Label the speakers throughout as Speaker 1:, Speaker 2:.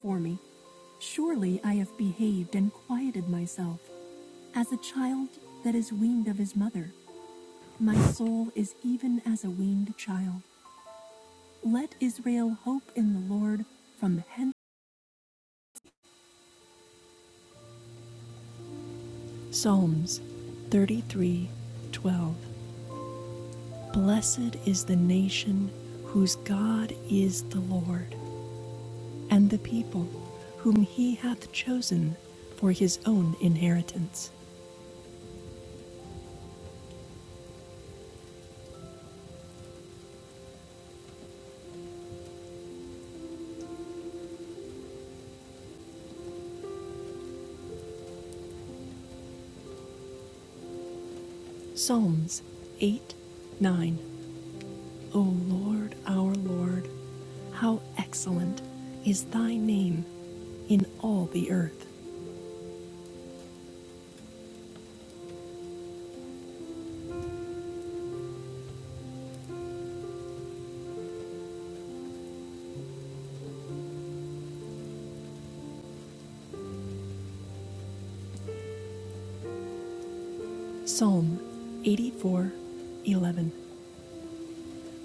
Speaker 1: for me. Surely I have behaved and quieted myself as a child that is weaned of his mother. My soul is even as a weaned child. Let Israel hope in the Lord from hence. Psalms 33:12 Blessed is the nation whose God is the Lord, and the people whom he hath chosen for his own inheritance. Psalms 8 9. O Lord, our Lord, how excellent is thy name in all the earth. Psalm 84:11.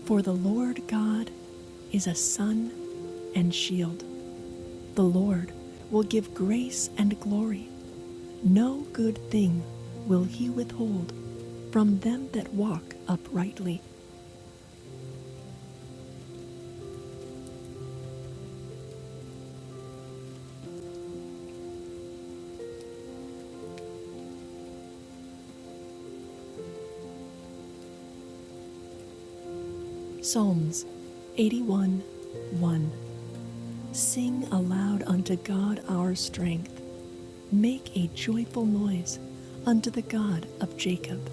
Speaker 1: For the Lord God is a sun and shield. The Lord will give grace and glory. No good thing will he withhold from them that walk uprightly. Psalms 81 1. Sing aloud unto God our strength. Make a joyful noise unto the God of Jacob.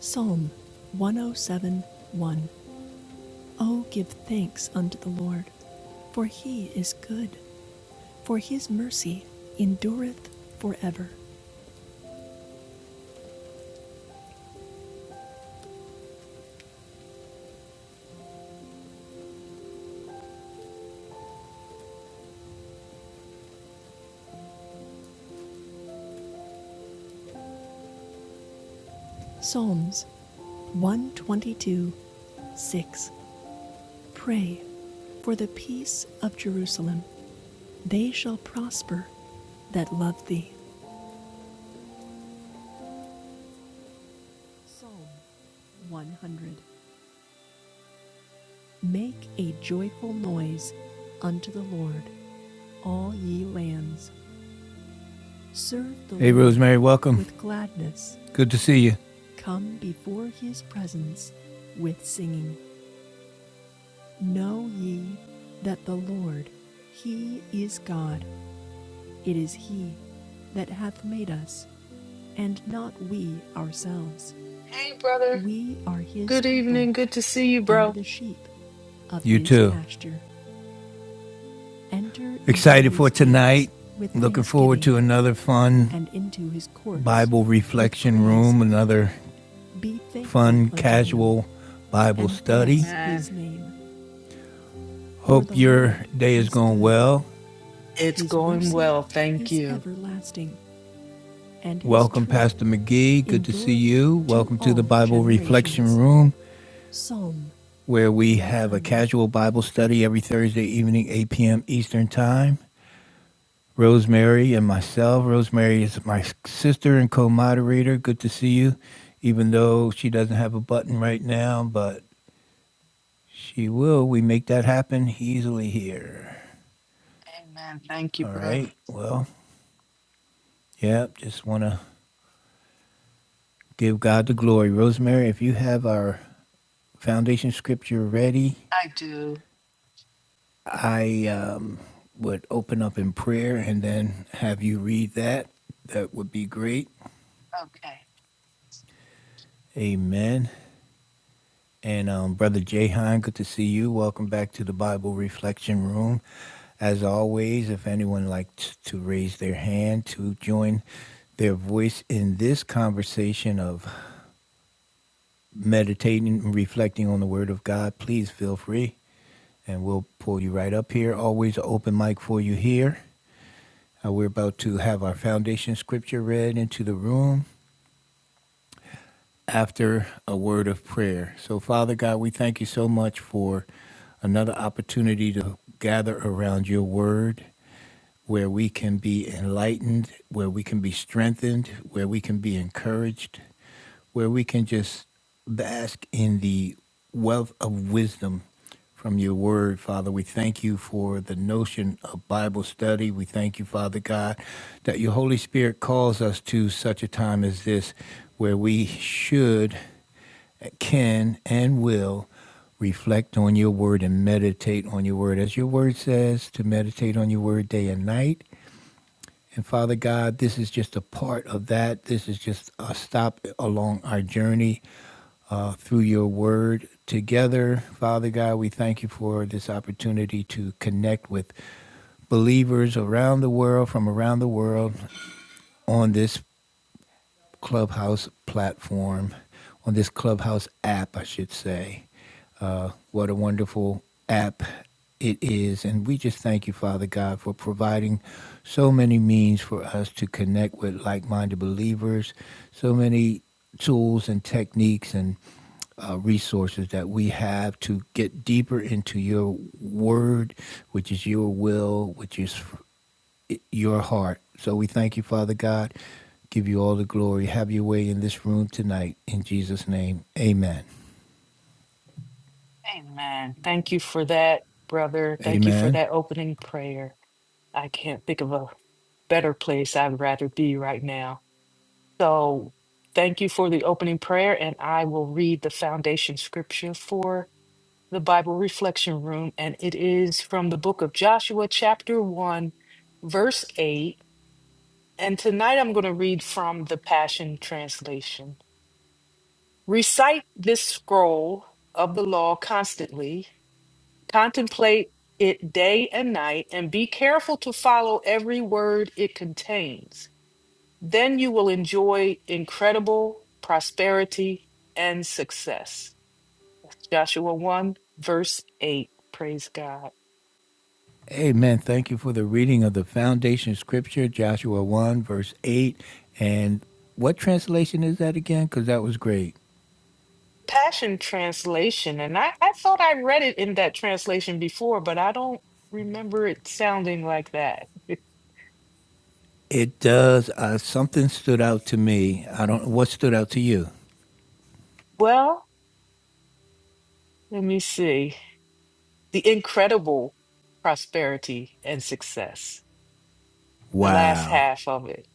Speaker 1: Psalm 107 1. Oh, seven, one. O give thanks unto the Lord, for he is good, for his mercy endureth forever. Psalms 122 6. Pray for the peace of Jerusalem. They shall prosper that love thee. Psalm 100. Make a joyful noise unto the Lord, all ye lands. Serve the Lord. Hey, Rosemary, welcome. with gladness. Good to see you. Come before his presence with singing. Know ye that the Lord, he is God. It is he that hath made us, and not we ourselves.
Speaker 2: Hey, brother.
Speaker 1: We are his
Speaker 2: Good
Speaker 1: people
Speaker 2: evening. Good to see you,
Speaker 1: and
Speaker 2: bro.
Speaker 1: the sheep of You his too. pasture. Enter Excited for tonight. Looking forward to another fun and into his courts Bible reflection room, another fun, casual Bible study.
Speaker 2: Amen.
Speaker 1: Hope your day is going well.
Speaker 2: It's
Speaker 1: His
Speaker 2: going
Speaker 1: mercy
Speaker 2: well. Thank
Speaker 1: is
Speaker 2: you.
Speaker 1: everlasting, and Welcome, Pastor McGee. Good to see you. Welcome to the Bible Reflection Room, where we have a casual Bible study every Thursday evening, 8 p.m. Eastern Time. Rosemary and myself. Rosemary is my sister and co moderator. Good to see you, even though she doesn't have a button right now, but She will. We make that happen easily here.
Speaker 2: Amen. Thank you,
Speaker 1: All
Speaker 2: bro.
Speaker 1: right. Well, yeah, just want to give God the glory. Rosemary, if you have our foundation scripture ready,
Speaker 2: I do.
Speaker 1: I um, would open up in prayer and then have you read that. That would be great.
Speaker 2: Okay.
Speaker 1: Amen. And um, Brother Jahan, good to see you. Welcome back to the Bible Reflection Room. As always, if anyone likes to raise their hand to join their voice in this conversation of meditating and reflecting on the Word of God, please feel free and we'll pull you right up here. Always an open mic for you here. Uh, we're about to have our foundation scripture read into the room. after a word of prayer. So, Father God, we thank you so much for another opportunity to gather around your word where we can be enlightened, where we can be strengthened, where we can be encouraged, where we can just bask in the wealth of wisdom from your word, Father. We thank you for the notion of Bible study. We thank you, Father God, that your Holy Spirit calls us to such a time as this where we should, can, and will reflect on your word and meditate on your word. As your word says, to meditate on your word day and night. And Father God, this is just a part of that. This is just a stop along our journey uh, through your word together. Father God, we thank you for this opportunity to connect with believers around the world, from around the world, on this Clubhouse platform, on this Clubhouse app, I should say. Uh, what a wonderful app it is. And we just thank you, Father God, for providing so many means for us to connect with like minded believers, so many tools and techniques and uh, resources that we have to get deeper into your word, which is your will, which is your heart. So we thank you, Father God. Give you all the glory. Have your way in this room tonight. In Jesus' name, amen.
Speaker 2: Amen. Thank you for that, brother. Thank you for
Speaker 1: Amen.
Speaker 2: that opening prayer. I can't think of a better place I'd rather be right now. So, thank you for the opening prayer, and I will read the foundation scripture for the Bible Reflection Room, and it is from the book of Joshua, chapter 1, verse 8. And tonight I'm going to read from the Passion Translation. Recite this scroll of the law constantly, contemplate it day and night, and be careful to follow every word it contains. Then you will enjoy incredible prosperity and success. That's Joshua 1, verse 8. Praise God.
Speaker 1: Amen. Thank you for the reading of the foundation scripture, Joshua 1, verse 8. And what translation is that again? Because that was great.
Speaker 2: Passion Translation, and I, I thought I read it in that translation before, but I don't remember it sounding like that.
Speaker 1: It does. Uh, something stood out to me. I don't know. What stood out to you?
Speaker 2: Well, let me see. The incredible prosperity and success. The last
Speaker 1: Wow.
Speaker 2: half of it.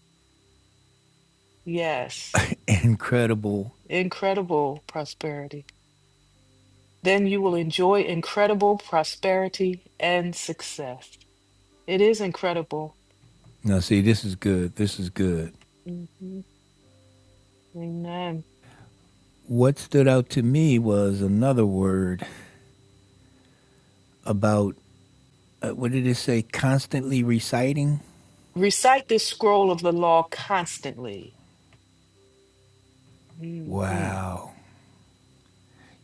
Speaker 2: Yes,
Speaker 1: Incredible.
Speaker 2: incredible prosperity. Then you will enjoy incredible prosperity and success. It is incredible.
Speaker 1: Now, see, this is good. This is good.
Speaker 2: Mhm. Amen.
Speaker 1: What stood out to me was another word about uh, what did it say? Constantly reciting.
Speaker 2: Recite this scroll of the law constantly. Mm-hmm.
Speaker 1: Wow.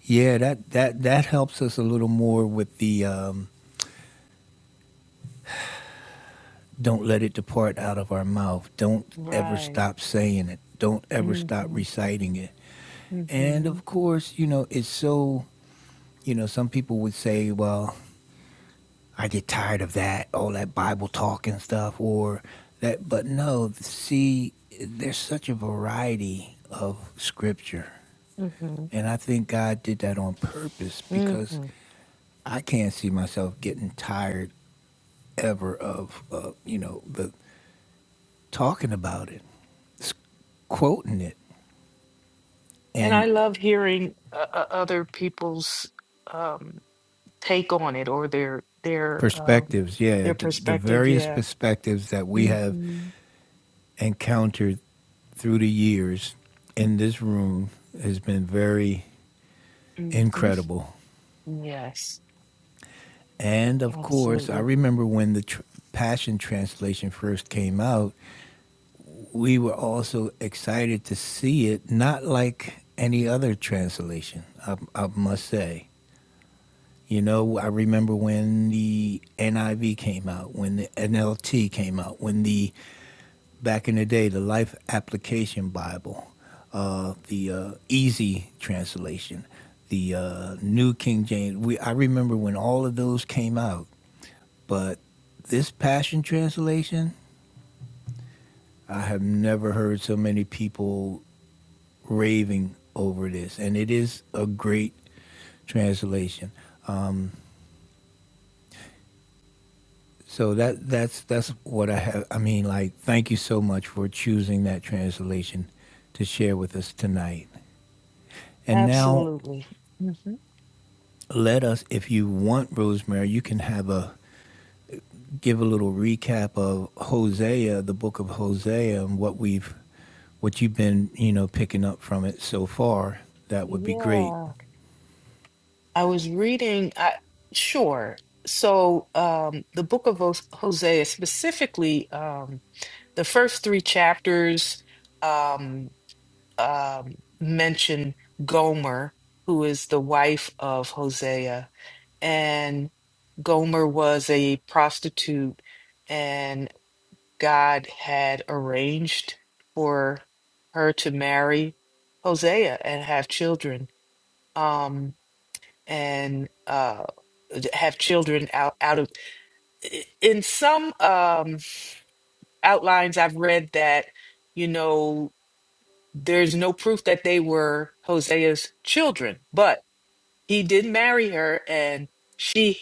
Speaker 1: Yeah, that that that helps us a little more with the um, don't let it depart out of our mouth. Don't ever
Speaker 2: Right.
Speaker 1: stop saying it. Don't ever
Speaker 2: mm
Speaker 1: stop
Speaker 2: Mhm.
Speaker 1: reciting it. And
Speaker 2: mm Mhm.
Speaker 1: of course, you know, it's so you know, some people would say, well, I get tired of that, all that Bible talk and stuff, or that. But no, see, there's such a variety of scripture.
Speaker 2: Mhm.
Speaker 1: And I think God did that on purpose because
Speaker 2: Mhm.
Speaker 1: I can't see myself getting tired ever of uh, you know the talking about it, s- quoting it,
Speaker 2: And I
Speaker 1: and
Speaker 2: love hearing uh, uh, other people's um take on it or their their um
Speaker 1: perspectives. Yeah,
Speaker 2: their
Speaker 1: the, the
Speaker 2: perspective.
Speaker 1: various
Speaker 2: Yeah.
Speaker 1: perspectives that we
Speaker 2: mm
Speaker 1: have
Speaker 2: Mhm.
Speaker 1: encountered through the years in this room has been very
Speaker 2: mm
Speaker 1: incredible.
Speaker 2: Mhm. Yes.
Speaker 1: And of course, I
Speaker 2: Absolutely.
Speaker 1: remember when the tr- Passion Translation first came out. we were also excited to see it, not like any other translation, I, I must say. You know, I remember when the NIV came out, when the NLT came out, when the, back in the day, the Life Application Bible, uh, the uh, Easy Translation, the uh, New King James. We, I remember when all of those came out, but this Passion Translation, I have never heard so many people raving over this, and it is a great translation. Um, so that that's that's what I have. I mean, like, thank you so much for choosing that translation to share with us tonight. And now,
Speaker 2: Absolutely. Mhm.
Speaker 1: let us, if you want, Rosemary, you can have a give a little recap of Hosea, the book of Hosea, and what we've what you've been you know picking up from it so far. That would be great.
Speaker 2: Yeah. I was reading I sure. So um the book of Hos- Hosea specifically um the first 3 chapters Um, um, mention Gomer, who is the wife of Hosea. And Gomer was a prostitute, and God had arranged for her to marry Hosea and have children. Um, and uh, have children out out of in some um outlines I've read that you know there's no proof that they were Hosea's children, but he did marry her and she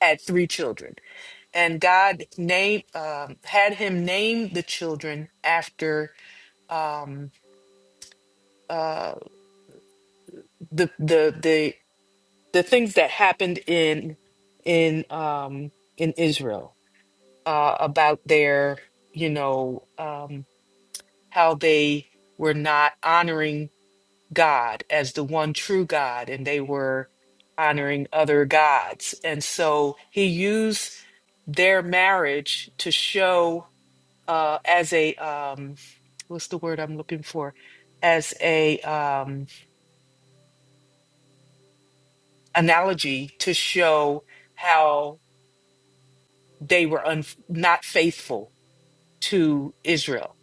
Speaker 2: had three children. And God named um, had him name the children after um, uh, the the the the things that happened in in um, in Israel uh, about their you know um, how they were not honoring God as the one true God, and they were honoring other gods. And so he used their marriage to show uh, as a um, what's the word I'm looking for? As a um, analogy to show how they were un- not faithful to Israel,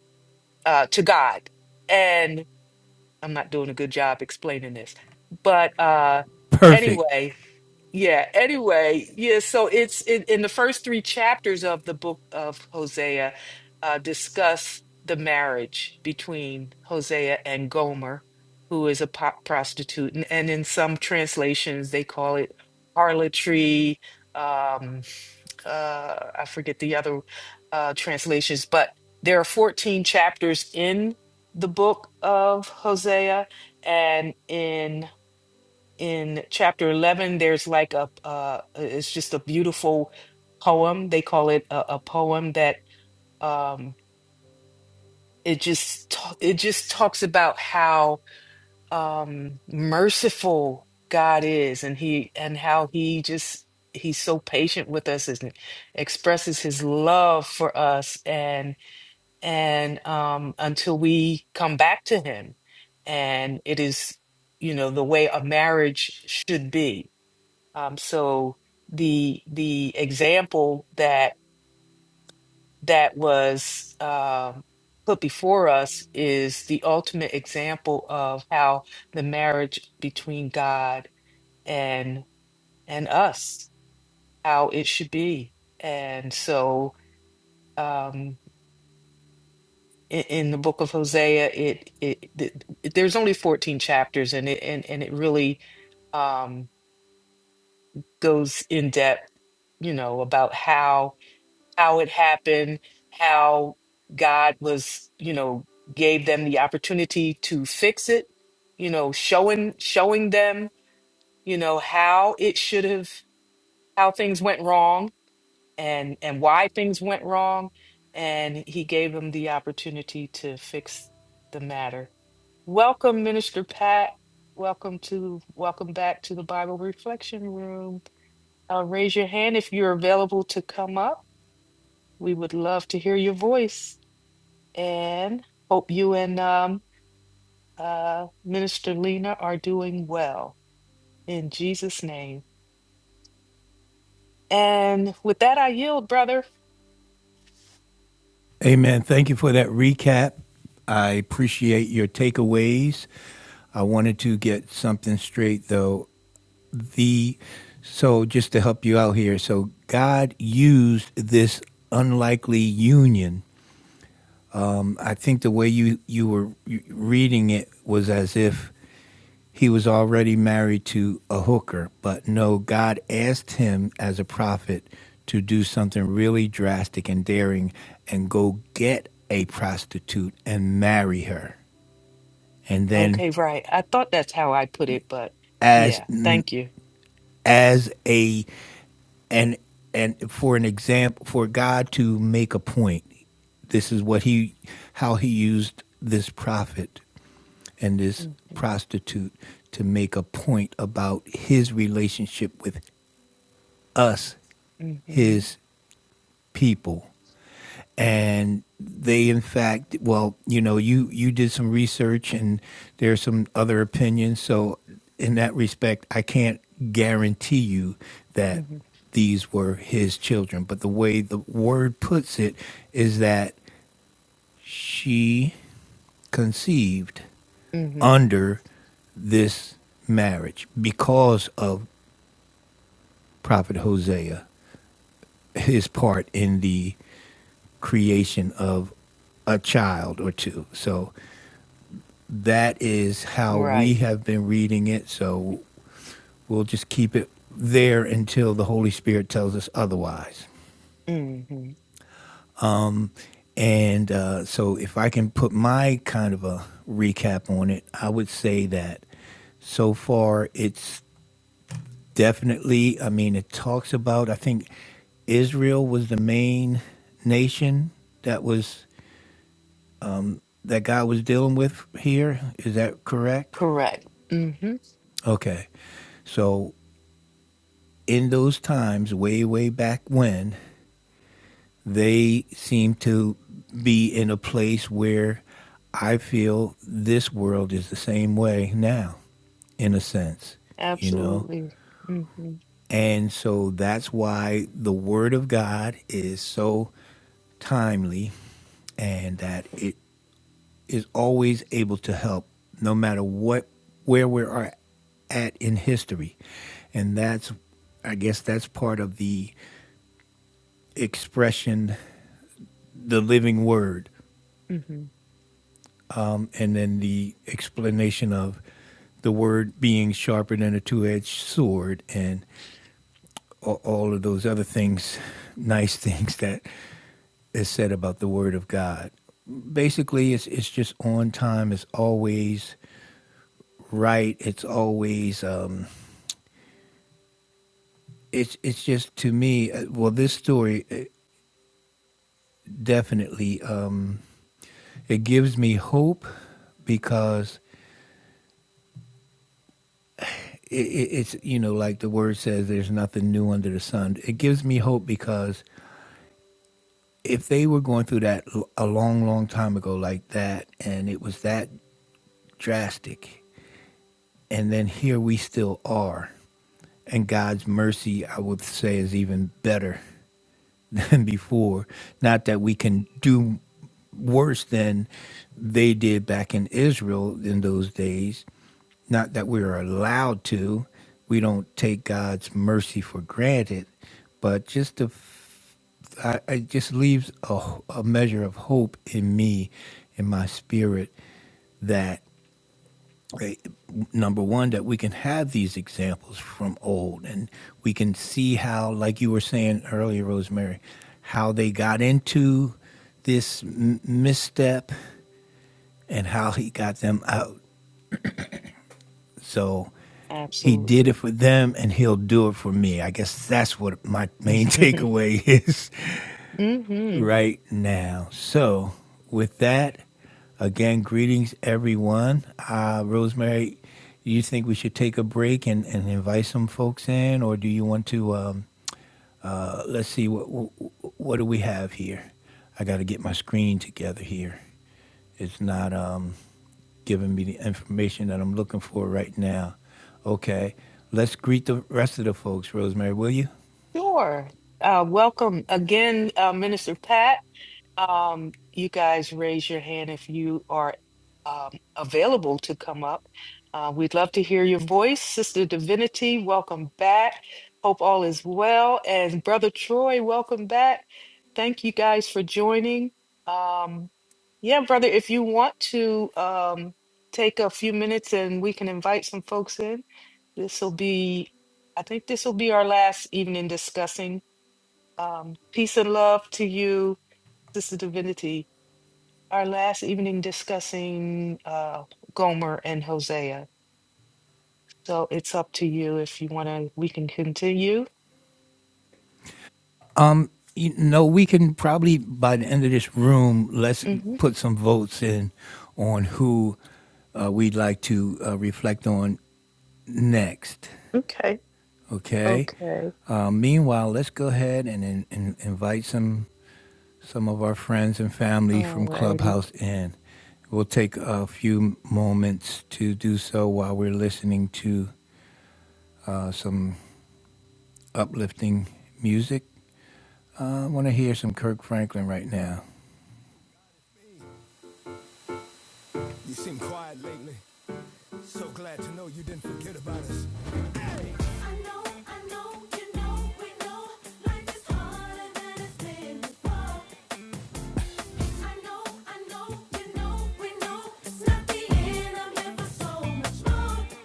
Speaker 2: uh, to God. And I'm not doing a good job explaining this, but uh,
Speaker 1: Perfect.
Speaker 2: anyway, Yeah, anyway, yeah, so it's in, in the first three chapters of the book of Hosea uh, discuss the marriage between Hosea and Gomer, who is a po prostitute. And, and in some translations, they call it harlotry. Um, uh, I forget the other uh, translations, but there are 14 chapters in the book of Hosea. And in in chapter 11 there's like a uh it's just a beautiful poem they call it a, a poem that um it just ta- it just talks about how um merciful God is and he and how he just he's so patient with us and expresses his love for us and and um until we come back to him and it is you know the way a marriage should be um, so the the example that that was um, put before us is the ultimate example of how the marriage between God and and us, how it should be. And so um, in, in the book of Hosea, it, it, it there's only 14 chapters, and it and, and it really um, goes in depth, you know, about how how it happened, how God was, you know, gave them the opportunity to fix it, you know, showing showing them, you know, how it should have how things went wrong and and why things went wrong and he gave them the opportunity to fix the matter. Welcome Minister Pat. Welcome to welcome back to the Bible Reflection Room. Uh, raise your hand if you're available to come up. We would love to hear your voice. and hope you and um, uh, Minister Lena are doing well in Jesus' name. And with that, I yield, brother.
Speaker 1: Amen. Thank you for that recap. I appreciate your takeaways. I wanted to get something straight though. The so just to help you out here. So God used this unlikely union. I think the way you you were reading it was as if he was already married to a hooker, but no, God asked him as a prophet to do something really drastic and daring and go get a prostitute and marry her. And then
Speaker 2: Okay, right. I thought that's how I put it, but
Speaker 1: as
Speaker 2: yeah, thank you.
Speaker 1: as a and and for an example for God to make a point, this is what he how he used this prophet and this
Speaker 2: hmm
Speaker 1: prostitute to make a point about his relationship with us
Speaker 2: hmm
Speaker 1: his people. And they, in fact, well, you know, you, you did some research and there's some other opinions. So, in that respect, I can't guarantee you that
Speaker 2: hmm
Speaker 1: these were his children. But the way the word puts it is that she conceived
Speaker 2: hmm
Speaker 1: under this marriage because of Prophet Hosea his part in the creation of a child or two. So that is how we
Speaker 2: Right.
Speaker 1: have been reading it. So we'll just keep it there until the Holy Spirit tells us otherwise.
Speaker 2: hmm
Speaker 1: And uh, so, if I can put my kind of a recap on it, I would say that so far it's definitely, I mean, it talks about, I think Israel was the main nation that was that God was dealing with here. Is that correct?
Speaker 2: Correct. hmm
Speaker 1: Okay. So in those times, way, way back when, they seem to be in a place where I feel this world is the same way now, in a sense, you know?
Speaker 2: Absolutely. hmm
Speaker 1: And so that's why the Word of God is so timely and that it is always able to help, no matter what where we are at in history, and that's I guess that's part of the expression, the living word,
Speaker 2: hmm
Speaker 1: um, and then the explanation of the word being sharper than a two-edged sword, and all of those other things, nice things that is said about the word of God basically it's it's just on time. It's always right. It's always um, it's it's just to me uh, well this story uh, definitely um it gives me hope because it, it, it's you know like the word says there's nothing new under the sun it gives me hope because if they were going through that l- a long long time ago like that and it was that drastic and then here we still are and god's mercy i would say is even better than before. Not that we can do worse than they did back in Israel in those days. Not that we are allowed to. We don't take God's mercy for granted, but just the f- I, I- it just leaves a, a measure of hope in me, in my spirit, right, number one that we can have these examples from old and we can see how like you were saying earlier rosemary how they got into this m- misstep and how he got them out so he did
Speaker 2: Absolutely.
Speaker 1: it for them and he'll do it for me i guess that's what my main
Speaker 2: hmm
Speaker 1: takeaway is
Speaker 2: hmm
Speaker 1: right now. So, with that, again, greetings, everyone. Uh, Rosemary, do you think we should take a break and, and invite some folks in, or do you want to? Um, uh, let's see, what, what, what do we have here? I got to get my screen together here. It's not um, giving me the information that I'm looking for right now. Okay, let's greet the rest of the folks, Rosemary, will you?
Speaker 2: Sure. Uh, welcome again, uh, Minister Pat. Um, you guys raise your hand if you are um, available to come up. Uh, we'd love to hear your voice. Sister Divinity, welcome back. Hope all is well. And Brother Troy, welcome back. Thank you guys for joining. Um, yeah, brother, if you want to um, take a few minutes and we can invite some folks in, this will be, I think this will be our last evening discussing. Um, peace and love to you, Sister Divinity our last evening discussing uh, Gomer and Hosea. So it's up to you if you want to. We can continue.
Speaker 1: Um, You know, we can probably by the end of this room, let's
Speaker 2: hmm
Speaker 1: put some votes in on who uh, we'd like to uh, reflect on next.
Speaker 2: Okay.
Speaker 1: Okay.
Speaker 2: Okay.
Speaker 1: Uh, meanwhile, let's go ahead and, and, and invite some some of our friends and family
Speaker 2: All
Speaker 1: from
Speaker 2: righty.
Speaker 1: Clubhouse in. We'll take a few moments to do so while we're listening to uh, some uplifting music. Uh, I want to hear some Kirk Franklin right now. You seem quiet lately. So glad to know you didn't forget about us. I know, I know, you know, we know, life is harder than it's been before. I know, I know, you know, we know, it's not the end. I'm here for so much more.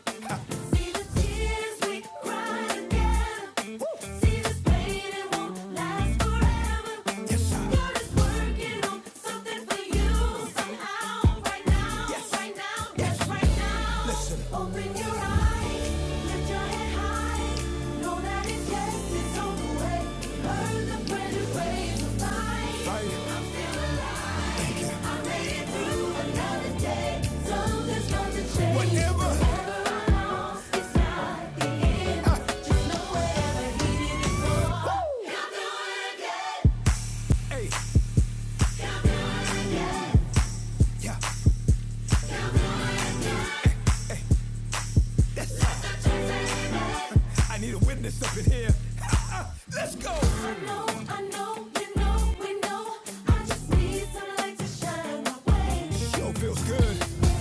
Speaker 1: See the tears we cry together. See this pain, it won't last forever. God is working on something for you somehow. Right now, right now, yes, right now. Open your eyes, lift your head high. Know that it's yes, it's on the way. Heard the prayer, praise the light. I'm still alive. Yeah. I need a witness up in here. Let's go. I know, I know, you know, we know. I just need some light to shine my way. Sure feels good.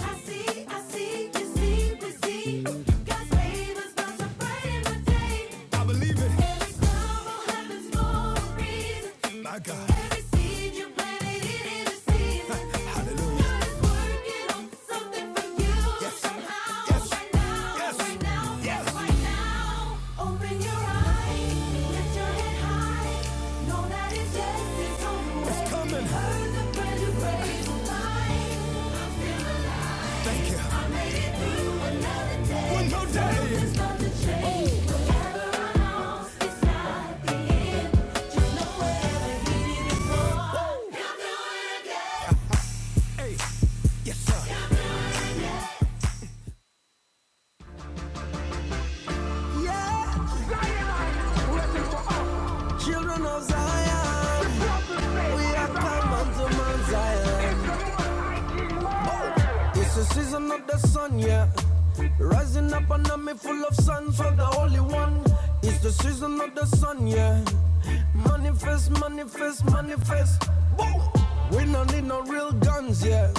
Speaker 1: I see, I see, you see, we see. God's favors about to brighten my day. I believe it. Every sorrow happens for a reason. My God. Every seed you planted in every season. Hallelujah. God is working on something for you. Yes. Somehow. Yes. Right now. Yes. Right now. Yes. Right now. Open your eyes. Lift your head high. Know that it's yes. It's on the way. It's coming. Heard the brand new praise. I'm Alive. I'm still alive. Thank you. One more day. Children of Zion, we are come unto Mount Zion. It's the season of the sun, yeah. Rising up and I'm full of sun for the Holy One. It's the season of the sun, yeah. Manifest, manifest, manifest. Woo! We don't need no real guns, yeah.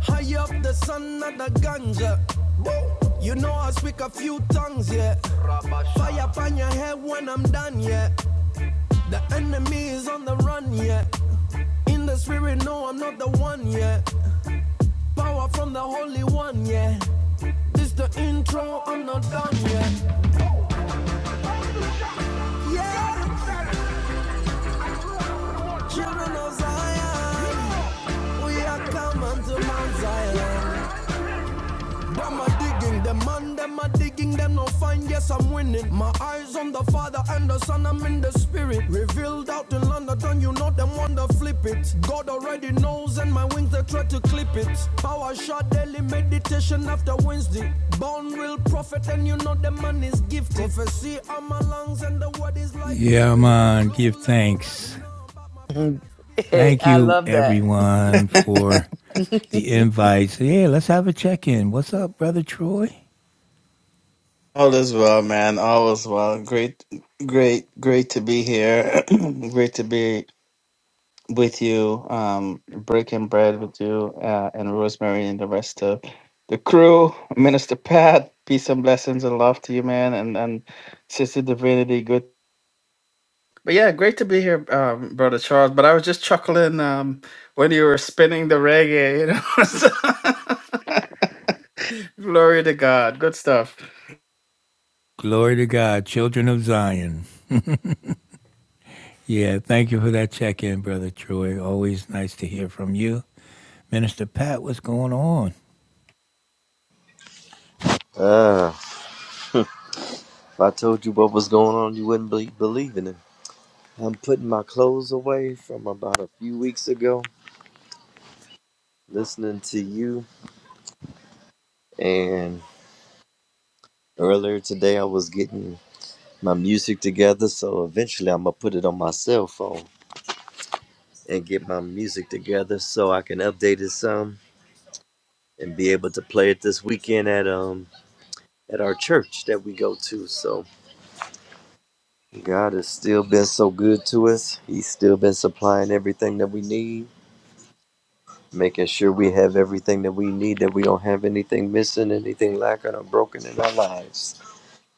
Speaker 1: High up the sun, not the ganja. Woo! You know I speak a few tongues, yeah. Fire upon your head when I'm done, yeah. The enemy is on the run, yeah. In the spirit, no, I'm not the one, yeah. Power from the Holy One, yeah. This the intro, I'm not done yet. Yeah, children of Zion, we are coming to Mount Zion. Them a digging, them man, them a digging, them no find, yes I'm winning. My eyes on the Father and the Son, I'm in the Spirit. Revealed out in London, you know them wanna flip it. God already knows, and my wings they try to clip it. Power shot daily meditation after Wednesday. Born real prophet, and you know the man is gifted. Prophecy on my lungs, and the word is like. Yeah, man, give thanks. Thank
Speaker 2: I
Speaker 1: you,
Speaker 2: love that.
Speaker 1: everyone, for the invites. Yeah, let's have a check in. What's up, Brother Troy?
Speaker 3: All is well, man. All is well. Great, great, great to be here. great to be with you, um, breaking bread with you, uh, and Rosemary and the rest of the crew. Minister Pat, peace and blessings and love to you, man. And and Sister Divinity, good. But yeah, great to be here, um, brother Charles. But I was just chuckling um, when you were spinning the reggae. You know, So- glory to God. Good stuff.
Speaker 1: Glory to God, children of Zion. Yeah, thank you for that check in, Brother Troy. Always nice to hear from you. Minister Pat, what's going on?
Speaker 4: Uh, if I told you what was going on, you wouldn't be believe in it. I'm putting my clothes away from about a few weeks ago, listening to you, and earlier today I was getting my music together, so eventually I'm gonna put it on my cell phone and get my music together so I can update it some and be able to play it this weekend at um at our church that we go to. So God has still been so good to us. He's still been supplying everything that we need making sure we have everything that we need, that we don't have anything missing, anything lacking or broken in our lives.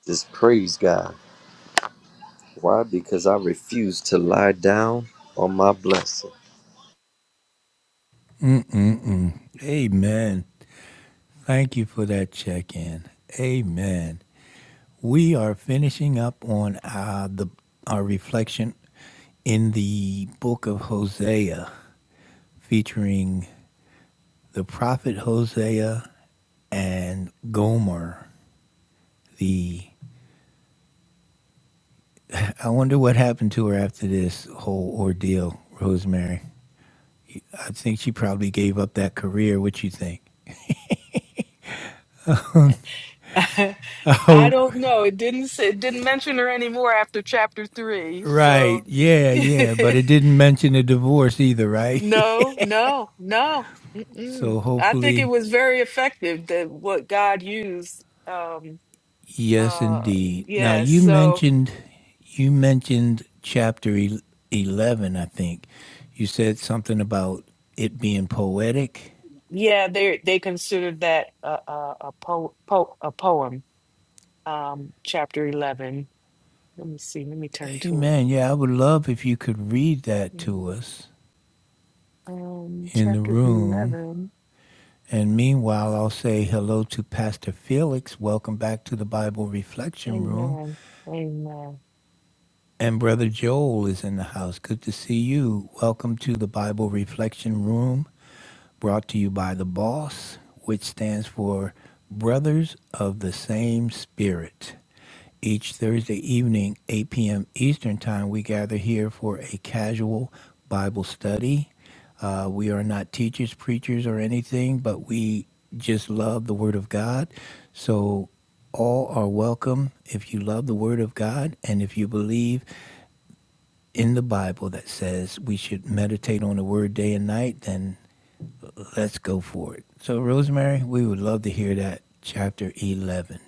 Speaker 4: Just praise God. Why? Because I refuse to lie down on my blessing.
Speaker 1: Mm-mm-mm. Amen. Thank you for that check in. Amen. We are finishing up on uh, the our reflection in the book of Hosea, featuring the prophet Hosea and Gomer, the I wonder what happened to her after this whole ordeal, Rosemary. I think she probably gave up that career. What you think? I
Speaker 2: I
Speaker 1: hope.
Speaker 2: don't know. It didn't say, it didn't mention her anymore after chapter three.
Speaker 1: Right.
Speaker 2: So
Speaker 1: Yeah, yeah. But it didn't mention a divorce either, right?
Speaker 2: No, no, no. Mm-mm.
Speaker 1: so
Speaker 2: I think it
Speaker 1: hopefully,
Speaker 2: was very effective that what God used. Um,
Speaker 1: yes,
Speaker 2: uh,
Speaker 1: indeed. Now
Speaker 2: yeah,
Speaker 1: you
Speaker 2: so
Speaker 1: mentioned, you mentioned chapter el- eleven. I think you said something about it being poetic.
Speaker 2: yeah, they they considered that a a, a, po po a poem. Um, chapter eleven. Let me see. Let me turn to it.
Speaker 1: Amen. Yeah, I would love if you could read that
Speaker 2: Mm.
Speaker 1: to us
Speaker 2: Um,
Speaker 1: in the
Speaker 2: chapter
Speaker 1: room.
Speaker 2: eleven.
Speaker 1: And meanwhile, I'll say hello to Pastor Felix. Welcome back to the Bible Reflection Room.
Speaker 2: Amen. Amen.
Speaker 1: And Brother Joel is in the house. Good to see you. Welcome to the Bible Reflection Room, brought to you by the BOSS, which stands for Brothers of the Same Spirit. Each Thursday evening, 8 p.m. Eastern Time, we gather here for a casual Bible study uh, we are not teachers, preachers, or anything, but we just love the Word of God. So all are welcome if you love the Word of God and if you believe in the Bible that says we should meditate on the Word day and night, then let's go for it. So, Rosemary, we would love to hear that chapter 11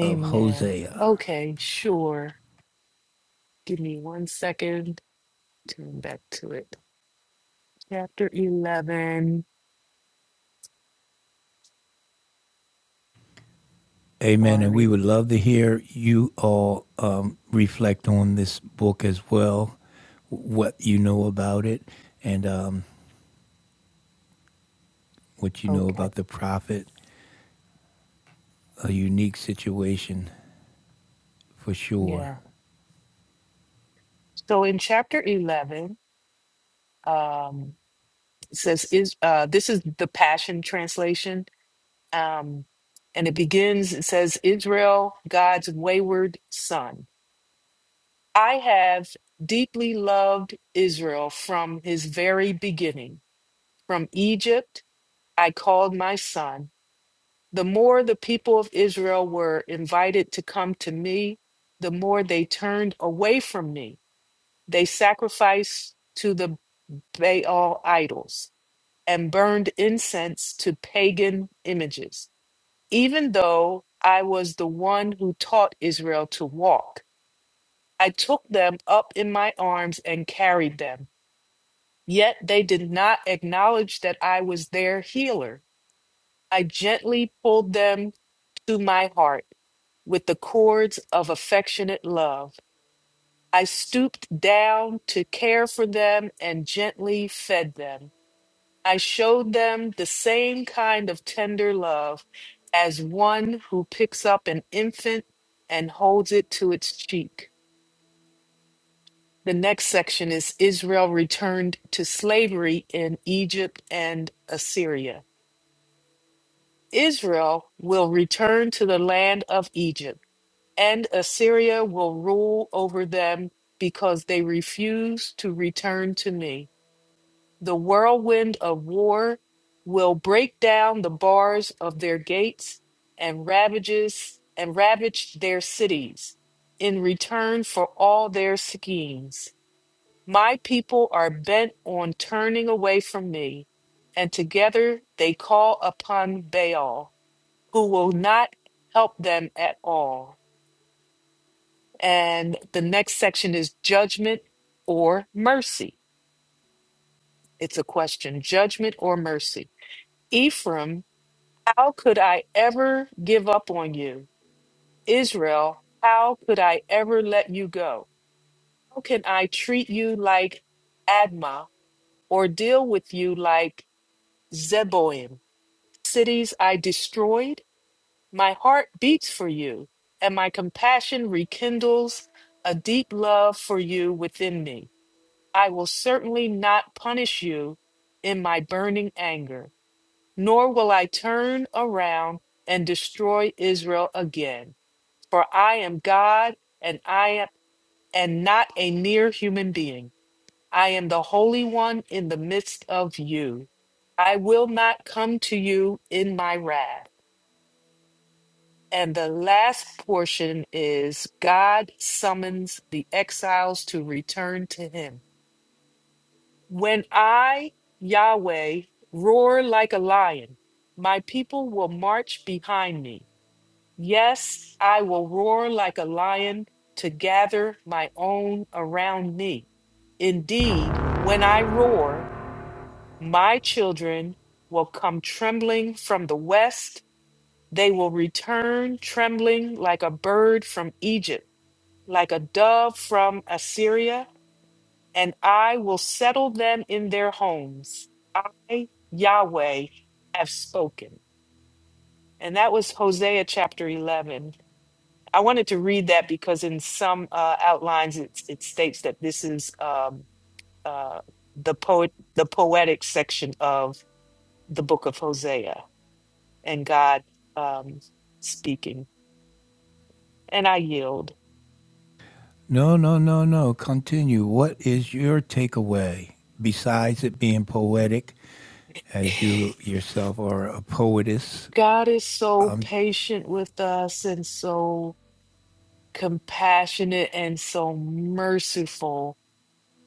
Speaker 1: of Hosea.
Speaker 2: Okay, sure. Give me one second. Turn back to it. Chapter eleven.
Speaker 1: Amen. And we
Speaker 2: Sorry.
Speaker 1: would love to hear you all um, reflect on this book as well, what you know about it, and um, what you know
Speaker 2: Okay.
Speaker 1: about the prophet. A unique situation for sure.
Speaker 2: Yeah. So in chapter 11, um, it says, is uh, this is the Passion Translation. Um, and it begins, it says, Israel, God's wayward son. I have deeply loved Israel from his very beginning. From Egypt, I called my son. The more the people of Israel were invited to come to me, the more they turned away from me. They sacrificed to the Baal idols and burned incense to pagan images. Even though I was the one who taught Israel to walk, I took them up in my arms and carried them. Yet they did not acknowledge that I was their healer. I gently pulled them to my heart with the cords of affectionate love. I stooped down to care for them and gently fed them. I showed them the same kind of tender love as one who picks up an infant and holds it to its cheek. The next section is Israel returned to slavery in Egypt and Assyria. Israel will return to the land of Egypt, and Assyria will rule over them because they refuse to return to me. The whirlwind of war will break down the bars of their gates and ravages and ravage their cities in return for all their schemes. My people are bent on turning away from me, and together they call upon Baal, who will not help them at all. And the next section is judgment or mercy. It's a question judgment or mercy. Ephraim How could I ever give up on you? Israel, how could I ever let you go? How can I treat you like Admah or deal with you like Zeboim? Cities I destroyed, my heart beats for you, and my compassion rekindles a deep love for you within me. I will certainly not punish you in my burning anger, nor will I turn around and destroy Israel again. For I am God, and I am and not a mere human being. I am the Holy One in the midst of you. I will not come to you in my wrath. And the last portion is God summons the exiles to return to him. When I, Yahweh, roar like a lion, my people will march behind me. Yes, I will roar like a lion to gather my own around me. Indeed, when I roar, my children will come trembling from the west. They will return trembling like a bird from Egypt, like a dove from Assyria, and I will settle them in their homes. I, Yahweh, have spoken. And that was Hosea chapter 11. I wanted to read that because in some uh, outlines it, it states that this is um, uh, the poet, the poetic section of the book of Hosea, and God um, speaking. And I yield.
Speaker 1: No, no, no, no. Continue. What is your takeaway besides it being poetic, as you yourself are a poetess?
Speaker 2: God is so patient with us and so compassionate and so merciful.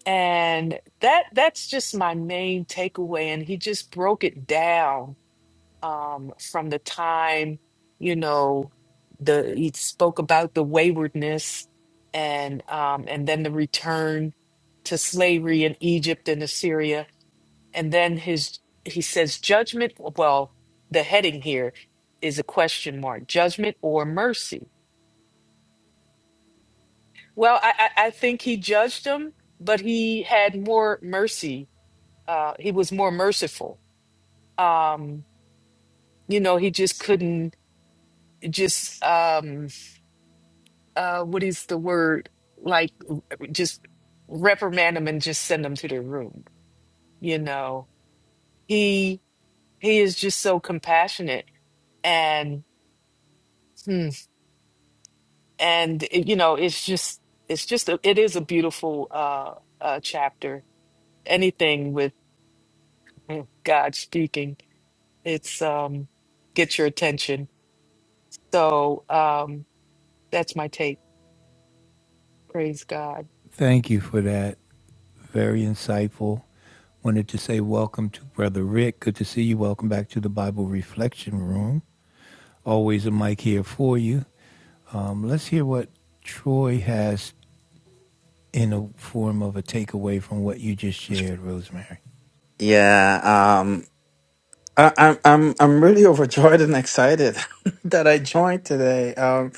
Speaker 2: And that that's just my main takeaway. And he just broke it down um, from the time, you know, the he spoke about the waywardness and um, and then the return to slavery in Egypt and Assyria, and then his he says judgment. Well, the heading here is a question mark: judgment or mercy. Well, I I, I think he judged them, but he had more mercy. Uh, he was more merciful. Um, you know, he just couldn't just. Um, uh, what is the word? Like, w- just reprimand him and just send him to the room. You know, he he is just so compassionate and hmm, and it- you know, it's just it's just a, it is a beautiful uh, uh chapter. Anything with hmm, God speaking, it's um get your attention. So um that's my take. Praise God.
Speaker 1: Thank you for that. very insightful. Wanted to say welcome to Brother Rick. Good to see you. Welcome back to the Bible Reflection Room. Always a mic here for you. Um, let's hear what Troy has in a form of a takeaway from what you just shared, Rosemary.
Speaker 3: Yeah. I, I'm I'm I'm really overjoyed and excited that I joined today. Um,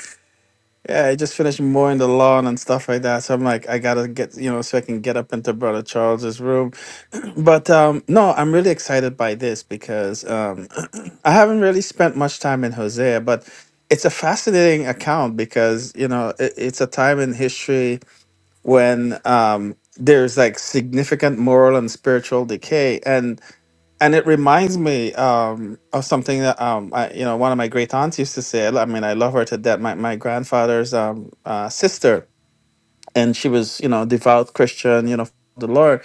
Speaker 3: yeah, I just finished mowing the lawn and stuff like that, so I'm like, I gotta get you know, so I can get up into Brother Charles's room. But um, no, I'm really excited by this because um, I haven't really spent much time in Hosea, but it's a fascinating account because you know it, it's a time in history when um, there's like significant moral and spiritual decay, and and it reminds me um, of something that um, I, you know one of my great aunts used to say. I mean, I love her to death. My my grandfather's um, uh, sister, and she was you know devout Christian, you know the Lord.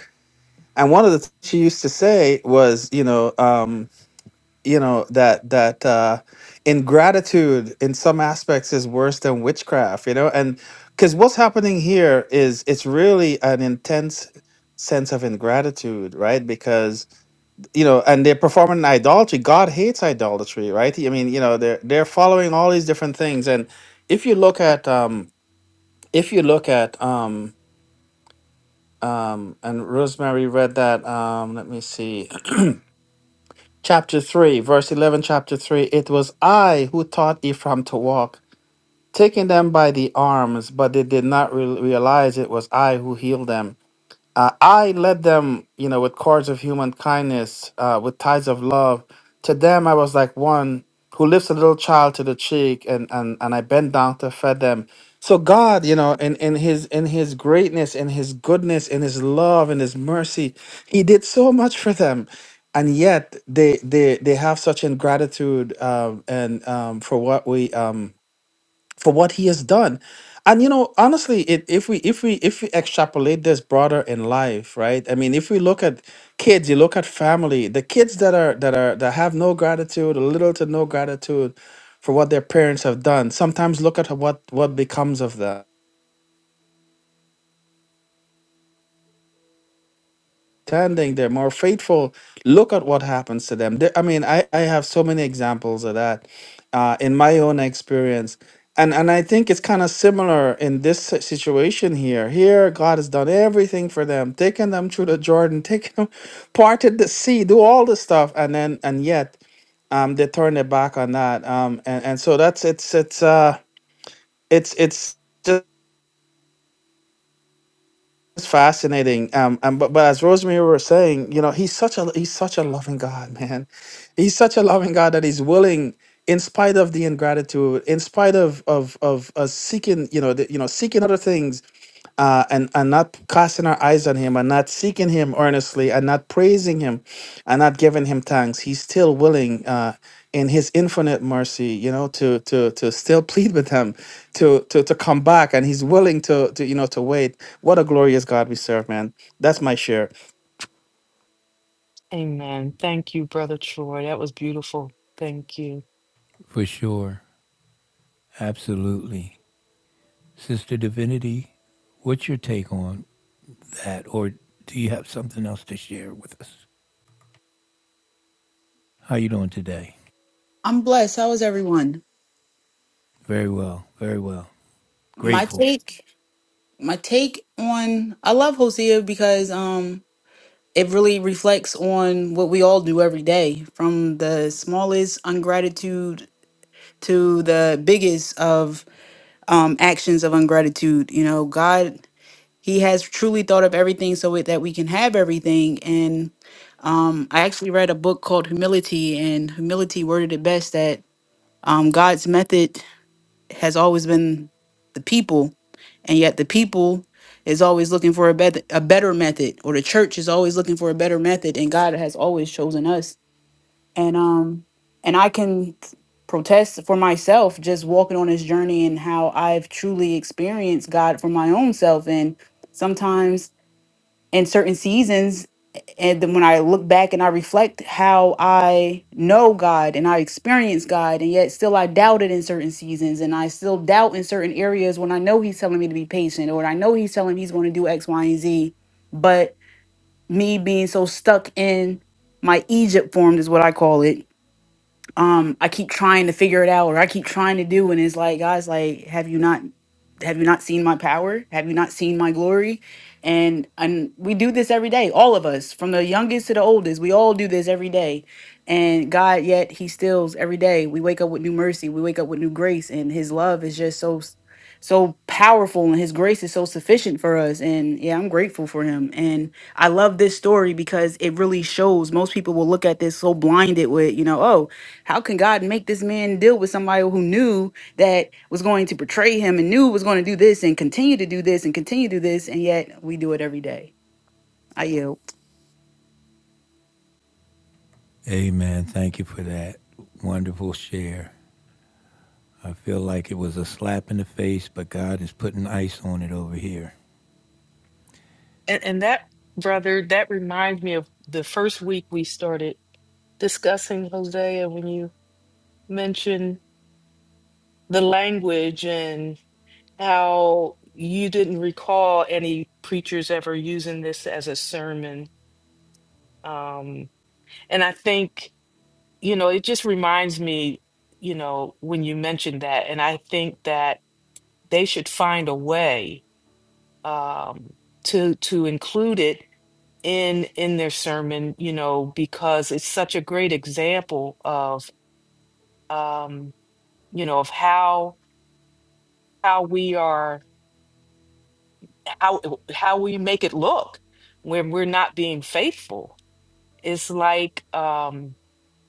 Speaker 3: And one of the things she used to say was, you know, um, you know that that uh, ingratitude in some aspects is worse than witchcraft, you know, and because what's happening here is it's really an intense sense of ingratitude, right? Because you know, and they're performing idolatry. God hates idolatry, right? I mean, you know, they're they're following all these different things. And if you look at um if you look at um um and Rosemary read that, um, let me see. chapter three, verse eleven, chapter three, it was I who taught Ephraim to walk, taking them by the arms, but they did not re- realize it was I who healed them. Uh, I led them, you know, with cords of human kindness, uh, with ties of love. To them, I was like one who lifts a little child to the cheek, and and and I bend down to feed them. So God, you know, in in His in His greatness, in His goodness, in His love, in His mercy, He did so much for them, and yet they they they have such ingratitude um, and um, for what we um, for what he has done and you know honestly it, if we if we if we extrapolate this broader in life right i mean if we look at kids you look at family the kids that are that are that have no gratitude or little to no gratitude for what their parents have done sometimes look at what what becomes of them understanding, they're more faithful. Look at what happens to them. There- I mean, I, I have so many examples of that uh, in my own experience. And, and I think it's kind of similar in this si- situation here. Here, God has done everything for them, taken them through the Jordan, taken them, parted the sea, do all this stuff, and then and yet, um, they turn their back on that. Um, and, and so that's it's it's uh it's it's It's fascinating. Um, and but, but as Rosemary was saying, you know, he's such a he's such a loving God, man. He's such a loving God that he's willing, in spite of the ingratitude, in spite of of of us seeking, you know, the, you know, seeking other things uh, and and not casting our eyes on him and not seeking him earnestly and not praising him and not giving him thanks he's still willing uh, in his infinite mercy you know to to to still plead with him to to to come back and he's willing to to you know to wait what a glorious god we serve man that's my share
Speaker 2: Amen. Thank you, Brother Troy. That was beautiful. Thank you.
Speaker 1: For sure. Absolutely. Sister Divinity, what's your take on that or do you have something else to share with us? How you doing today?
Speaker 5: I'm blessed. How is everyone?
Speaker 1: Very well. Very well.
Speaker 5: My
Speaker 1: Grateful.
Speaker 5: take, my take on I love Hosea because um it really reflects on what we all do every day, from the smallest ungratitude to the biggest of um actions of ungratitude. You know, God he has truly thought of everything so it- that we can have everything and um I actually read a book called Humility and Humility worded it best that um God's method has always been the people and yet the people is always looking for a better a better method or the church is always looking for a better method and God has always chosen us and um and I can protest for myself just walking on this journey and how I've truly experienced God for my own self and sometimes in certain seasons and then when i look back and i reflect how i know god and i experience god and yet still i doubt it in certain seasons and i still doubt in certain areas when i know he's telling me to be patient or when i know he's telling me he's going to do x y and z but me being so stuck in my egypt form is what i call it um I keep trying to figure it out or I keep trying to do and it's like guys like have you not have you not seen my power? Have you not seen my glory? And and we do this every day, all of us, from the youngest to the oldest. We all do this every day. And God yet he stills every day. We wake up with new mercy, we wake up with new grace and his love is just so s- so powerful and his grace is so sufficient for us and yeah, I'm grateful for him. And I love this story because it really shows most people will look at this so blinded with, you know, oh, how can God make this man deal with somebody who knew that was going to betray him and knew was going to do this and continue to do this and continue to do this, and yet we do it every day? I yield.
Speaker 1: Amen. Thank you for that wonderful share. I feel like it was a slap in the face, but God is putting ice on it over here.
Speaker 2: And, and that, brother, that reminds me of the first week we started discussing Hosea when you mentioned the language and how you didn't recall any preachers ever using this as a sermon. Um, and I think, you know, it just reminds me, you know, when you mentioned that, and I think that they should find a way um, to to include it in in their sermon, you know, because it's such a great example of um, you know, of how how we are how how we make it look when we're not being faithful. It's like um,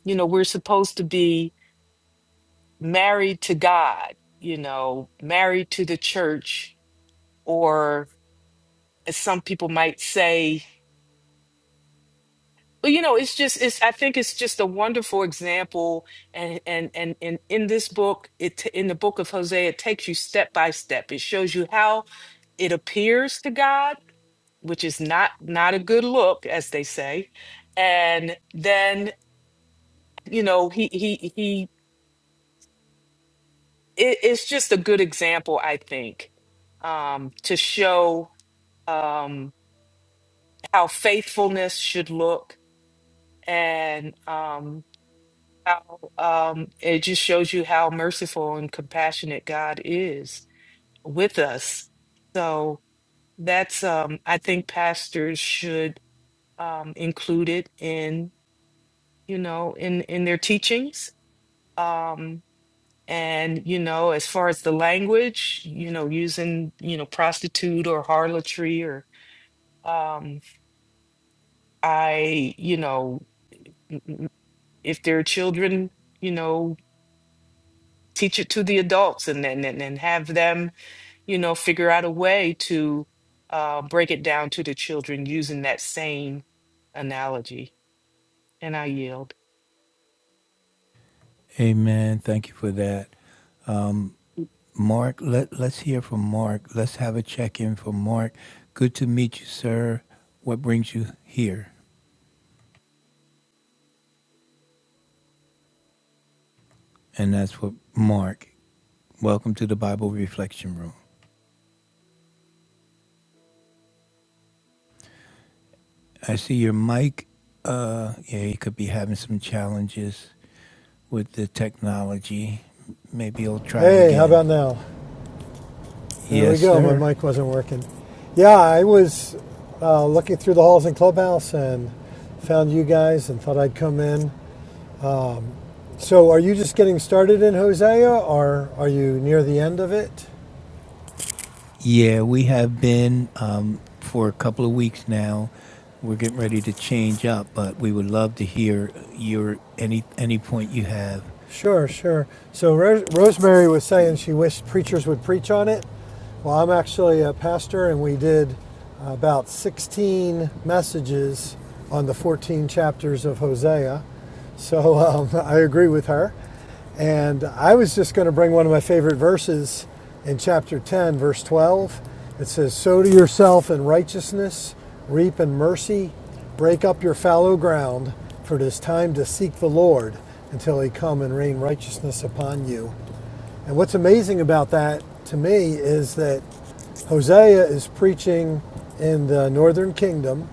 Speaker 2: you know, we're supposed to be married to God, you know, married to the church, or as some people might say, Well, you know, it's just it's I think it's just a wonderful example and and and and in this book, it t- in the book of Hosea, it takes you step by step. It shows you how it appears to God, which is not not a good look, as they say. And then, you know, he he he it, it's just a good example, I think, um, to show um how faithfulness should look and um how um, it just shows you how merciful and compassionate God is with us. So that's um, I think pastors should um, include it in you know in in their teachings. Um, and you know, as far as the language, you know, using you know prostitute or harlotry or um, I you know m- m- if there are children, you know, teach it to the adults and then and, and have them you know, figure out a way to uh, break it down to the children using that same analogy. And I yield.
Speaker 1: Amen. Thank you for that. Mark, let, let's hear from Mark. Let's have a check in from Mark. Good to meet you, sir. What brings you here? And that's what Mark. Welcome to the Bible Reflection Room. I see your mic. Uh, yeah, you could be having some challenges with the technology. Maybe you'll try
Speaker 6: Hey, how
Speaker 1: again.
Speaker 6: about now? There we
Speaker 1: Yes,
Speaker 6: go. My
Speaker 1: sir.
Speaker 6: mic wasn't working. Yeah, I was uh, looking through the halls in Clubhouse and found you guys and thought I'd come in. So, are you just getting started in Hosea or are you near the end of it?
Speaker 1: Yeah, we have been um, for a couple of weeks now. We're getting ready to change up, but we would love to hear your any any point you have,
Speaker 6: Sure, sure. So, Ro- Rosemary was saying
Speaker 1: please.
Speaker 6: she wished preachers would preach on it. Well, I'm actually a pastor, and we did about 16 messages on the 14 chapters of Hosea. So um, I agree with her. And I was just going to bring one of my favorite verses in chapter 10, verse 12. It says, Sow to yourself in righteousness, reap in mercy, break up your fallow ground, for it is time to seek the Lord until he come and rain righteousness upon you. And what's amazing about that to me is that Hosea is preaching in the northern kingdom,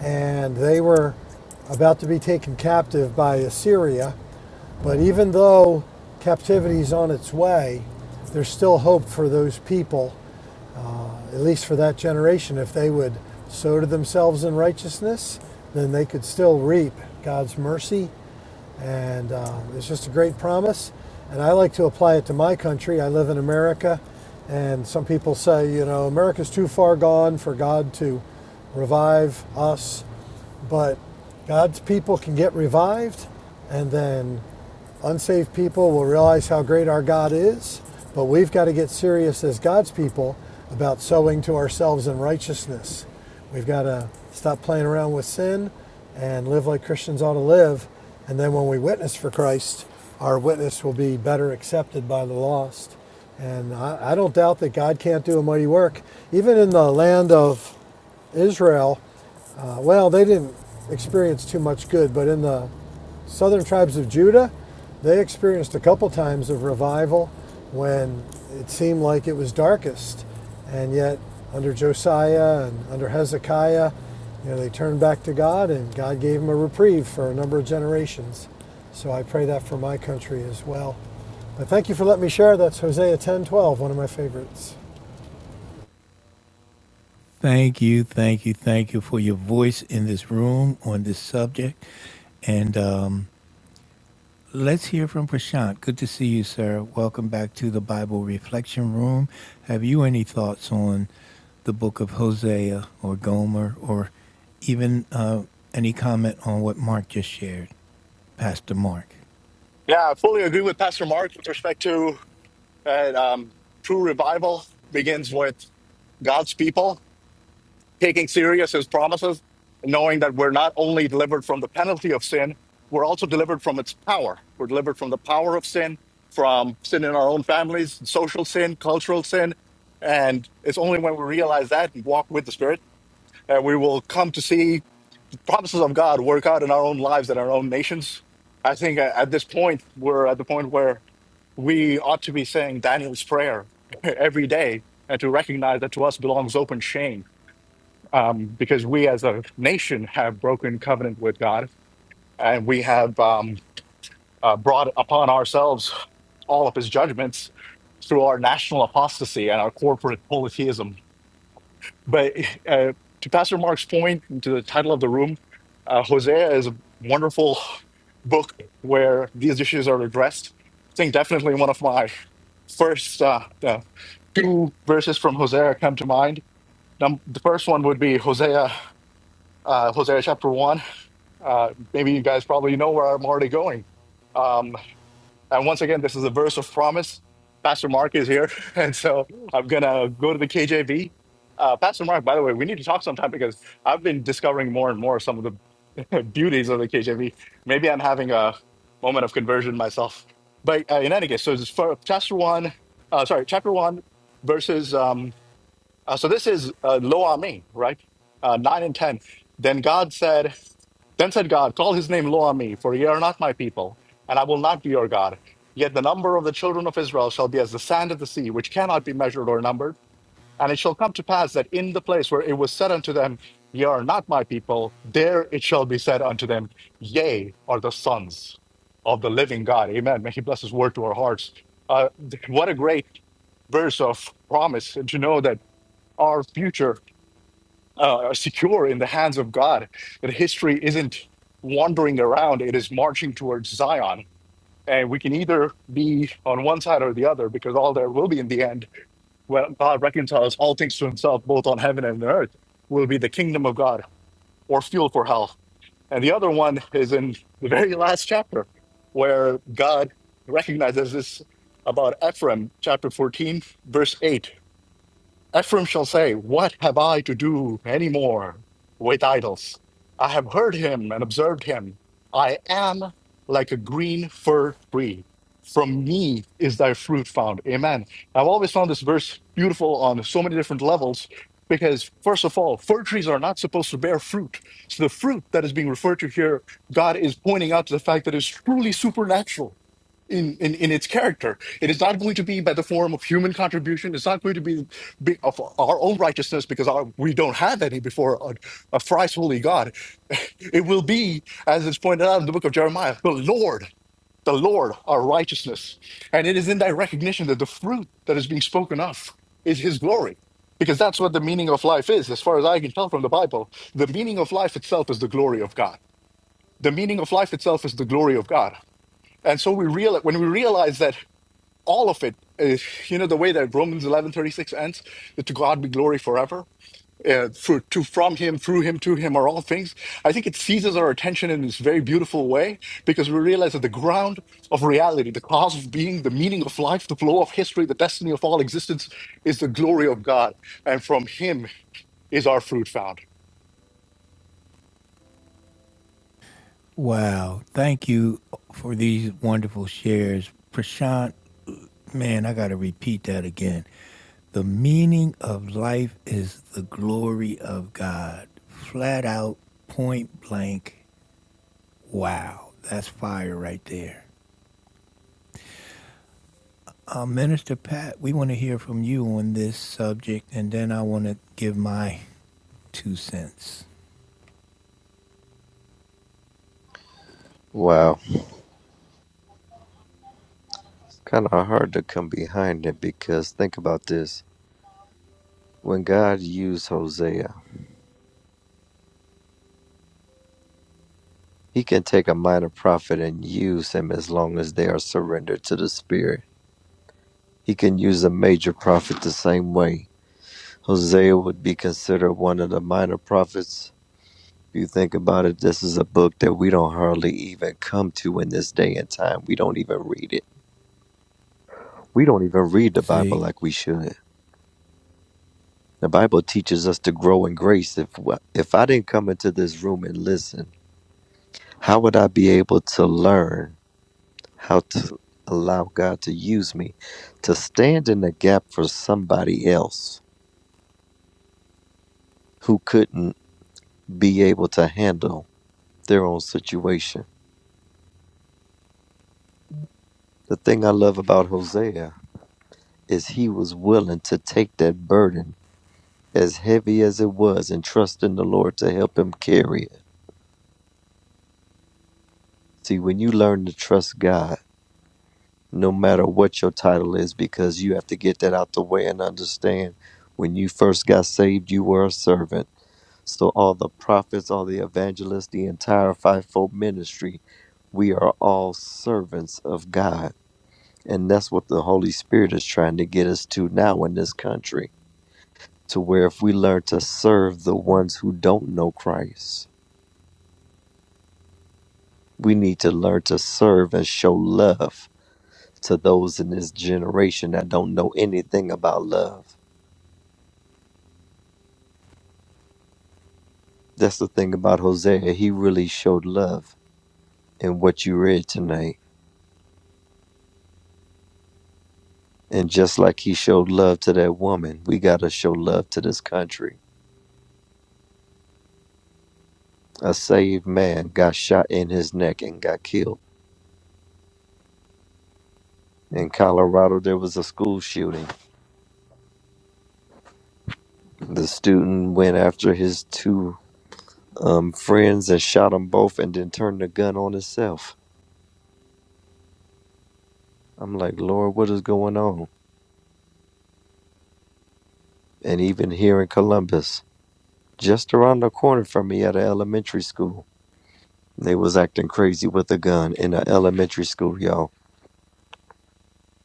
Speaker 6: and they were about to be taken captive by Assyria. But even though captivity is on its way, there's still hope for those people, at least for that generation. If they would sow to themselves in righteousness, then they could still reap God's mercy and uh, it's just a great promise. And I like to apply it to my country. I live in America, and some people say, you know, America's too far gone for God to revive us, but God's people can get revived, and then Unsaved people will realize how great our God is, but we've got to get serious as God's people about sowing to ourselves in righteousness. We've got to stop playing around with sin and live like Christians ought to live. And then when we witness for Christ, our witness will be better accepted by the lost. And I, I don't doubt that God can't do a mighty work. Even in the land of Israel, uh, well, they didn't experience too much good, but in the Southern tribes of Judah, they experienced a couple times of revival when it seemed like it was darkest. And yet, under Josiah and under Hezekiah, you know, they turned back to God and God gave them a reprieve for a number of generations. So I pray that for my country as well. But thank you for letting me share. That's Hosea 10:12, one of my favorites.
Speaker 1: Thank you, thank you, thank you for your voice in this room on this subject, and. Um, Let's hear from Prashant. Good to see you, sir. Welcome back to the Bible Reflection Room. Have you any thoughts on the book of Hosea or Gomer or even uh, any comment on what Mark just shared, Pastor Mark?
Speaker 7: Yeah, I fully agree with Pastor Mark with respect to that um, true revival begins with God's people taking serious his promises, knowing that we're not only delivered from the penalty of sin, we're also delivered from its power. We're delivered from the power of sin, from sin in our own families, social sin, cultural sin. And it's only when we realize that and walk with the Spirit that we will come to see the promises of God work out in our own lives and our own nations. I think uh, at this point, we're at the point where we ought to be saying Daniel's prayer every day and to recognize that to us belongs open shame um, because we as a nation have broken covenant with God and we have um, uh, brought upon ourselves all of his judgments through our national apostasy and our corporate polytheism. But uh, to Pastor Mark's point, and to the title of the room, uh, Hosea is a wonderful book where these issues are addressed. I think definitely one of my first. uh, uh, two verses from Hosea come to mind. Num- the first one would be Hosea, uh, Hosea chapter one. Uh, maybe you guys probably know where I'm already going. Um, and once again, this is a verse of promise. Pastor Mark is here, and so I'm gonna go to the KJV. Uh, Pastor Mark, by the way, we need to talk sometime because I've been discovering more and more some of the beauties of the KJV. Maybe I'm having a moment of conversion myself. But uh, in any case, so it's for chapter one. Uh, sorry, chapter one, verses. Um, uh, so this is uh, Lo Ami, right? Uh, nine and ten. Then God said, Then said God, call his name Lo Ami, for ye are not my people, and I will not be your God. Yet the number of the children of Israel shall be as the sand of the sea, which cannot be measured or numbered. And it shall come to pass that in the place where it was said unto them, Ye are not my people, there it shall be said unto them, Ye are the sons of the living God. Amen. May He bless His word to our hearts. Uh, what a great verse of promise and to know that our future uh, are secure in the hands of God. That history isn't wandering around, it is marching towards Zion. And we can either be on one side or the other because all there will be in the end, when God reconciles all things to himself, both on heaven and on earth, will be the kingdom of God or fuel for hell. And the other one is in the very last chapter where God recognizes this about Ephraim, chapter 14, verse 8. Ephraim shall say, What have I to do any more with idols? I have heard him and observed him. I am like a green fir tree. From me is thy fruit found. Amen. I've always found this verse beautiful on so many different levels because, first of all, fir trees are not supposed to bear fruit. So the fruit that is being referred to here, God is pointing out to the fact that it's truly supernatural. In, in, in its character, it is not going to be by the form of human contribution. It's not going to be be, of our own righteousness because our, we don't have any before a, a thrice holy God. It will be, as it's pointed out in the book of Jeremiah, the Lord, the Lord, our righteousness. And it is in that recognition that the fruit that is being spoken of is his glory. Because that's what the meaning of life is, as far as I can tell from the Bible. The meaning of life itself is the glory of God. The meaning of life itself is the glory of God. And so we realize when we realize that all of it is, you know, the way that Romans eleven thirty six ends, that to God be glory forever uh, for, to from him, through him, to him are all things. I think it seizes our attention in this very beautiful way because we realize that the ground of reality, the cause of being, the meaning of life, the flow of history, the destiny of all existence is the glory of God. And from him is our fruit found.
Speaker 1: Wow. Thank you for these wonderful shares. Prashant, man, I got to repeat that again. The meaning of life is the glory of God. Flat out, point blank. Wow, that's fire right there. Uh, Minister Pat, we want to hear from you on this subject, and then I want to give my two cents.
Speaker 4: Wow. It's kind of hard to come behind it because think about this. When God used Hosea, he can take a minor prophet and use him as long as they are surrendered to the Spirit. He can use a major prophet the same way. Hosea would be considered one of the minor prophets If you think about it, this is a book that we don't hardly even come to in this day and time. We don't even read it. We don't even read the Bible
Speaker 1: See?
Speaker 4: like we should. The Bible teaches us to grow in grace. If if I didn't come into this room and listen, how would I be able to learn how to allow God to use me to stand in the gap for somebody else who couldn't be able to handle their own situation? The thing I love about Hosea is he was willing to take that burden as heavy as it was and trust in the Lord to help him carry it. See, when you learn to trust God, no matter what your title is, because you have to get that out the way and understand when you first got saved, you were a servant. So, all the prophets, all the evangelists, the entire fivefold ministry, we are all servants of God. And that's what the Holy Spirit is trying to get us to now in this country to where if we learn to serve the ones who don't know Christ, we need to learn to serve and show love to those in this generation that don't know anything about love. That's the thing about Hosea. He really showed love in what you read tonight. And just like he showed love to that woman, we got to show love to this country. A saved man got shot in his neck and got killed. In Colorado, there was a school shooting. The student went after his two um, friends and shot them both and then turned the gun on himself. I'm like, Lord, what is going on? And even here in Columbus, just around the corner from me at an elementary school, they was acting crazy with a gun in an elementary school, y'all.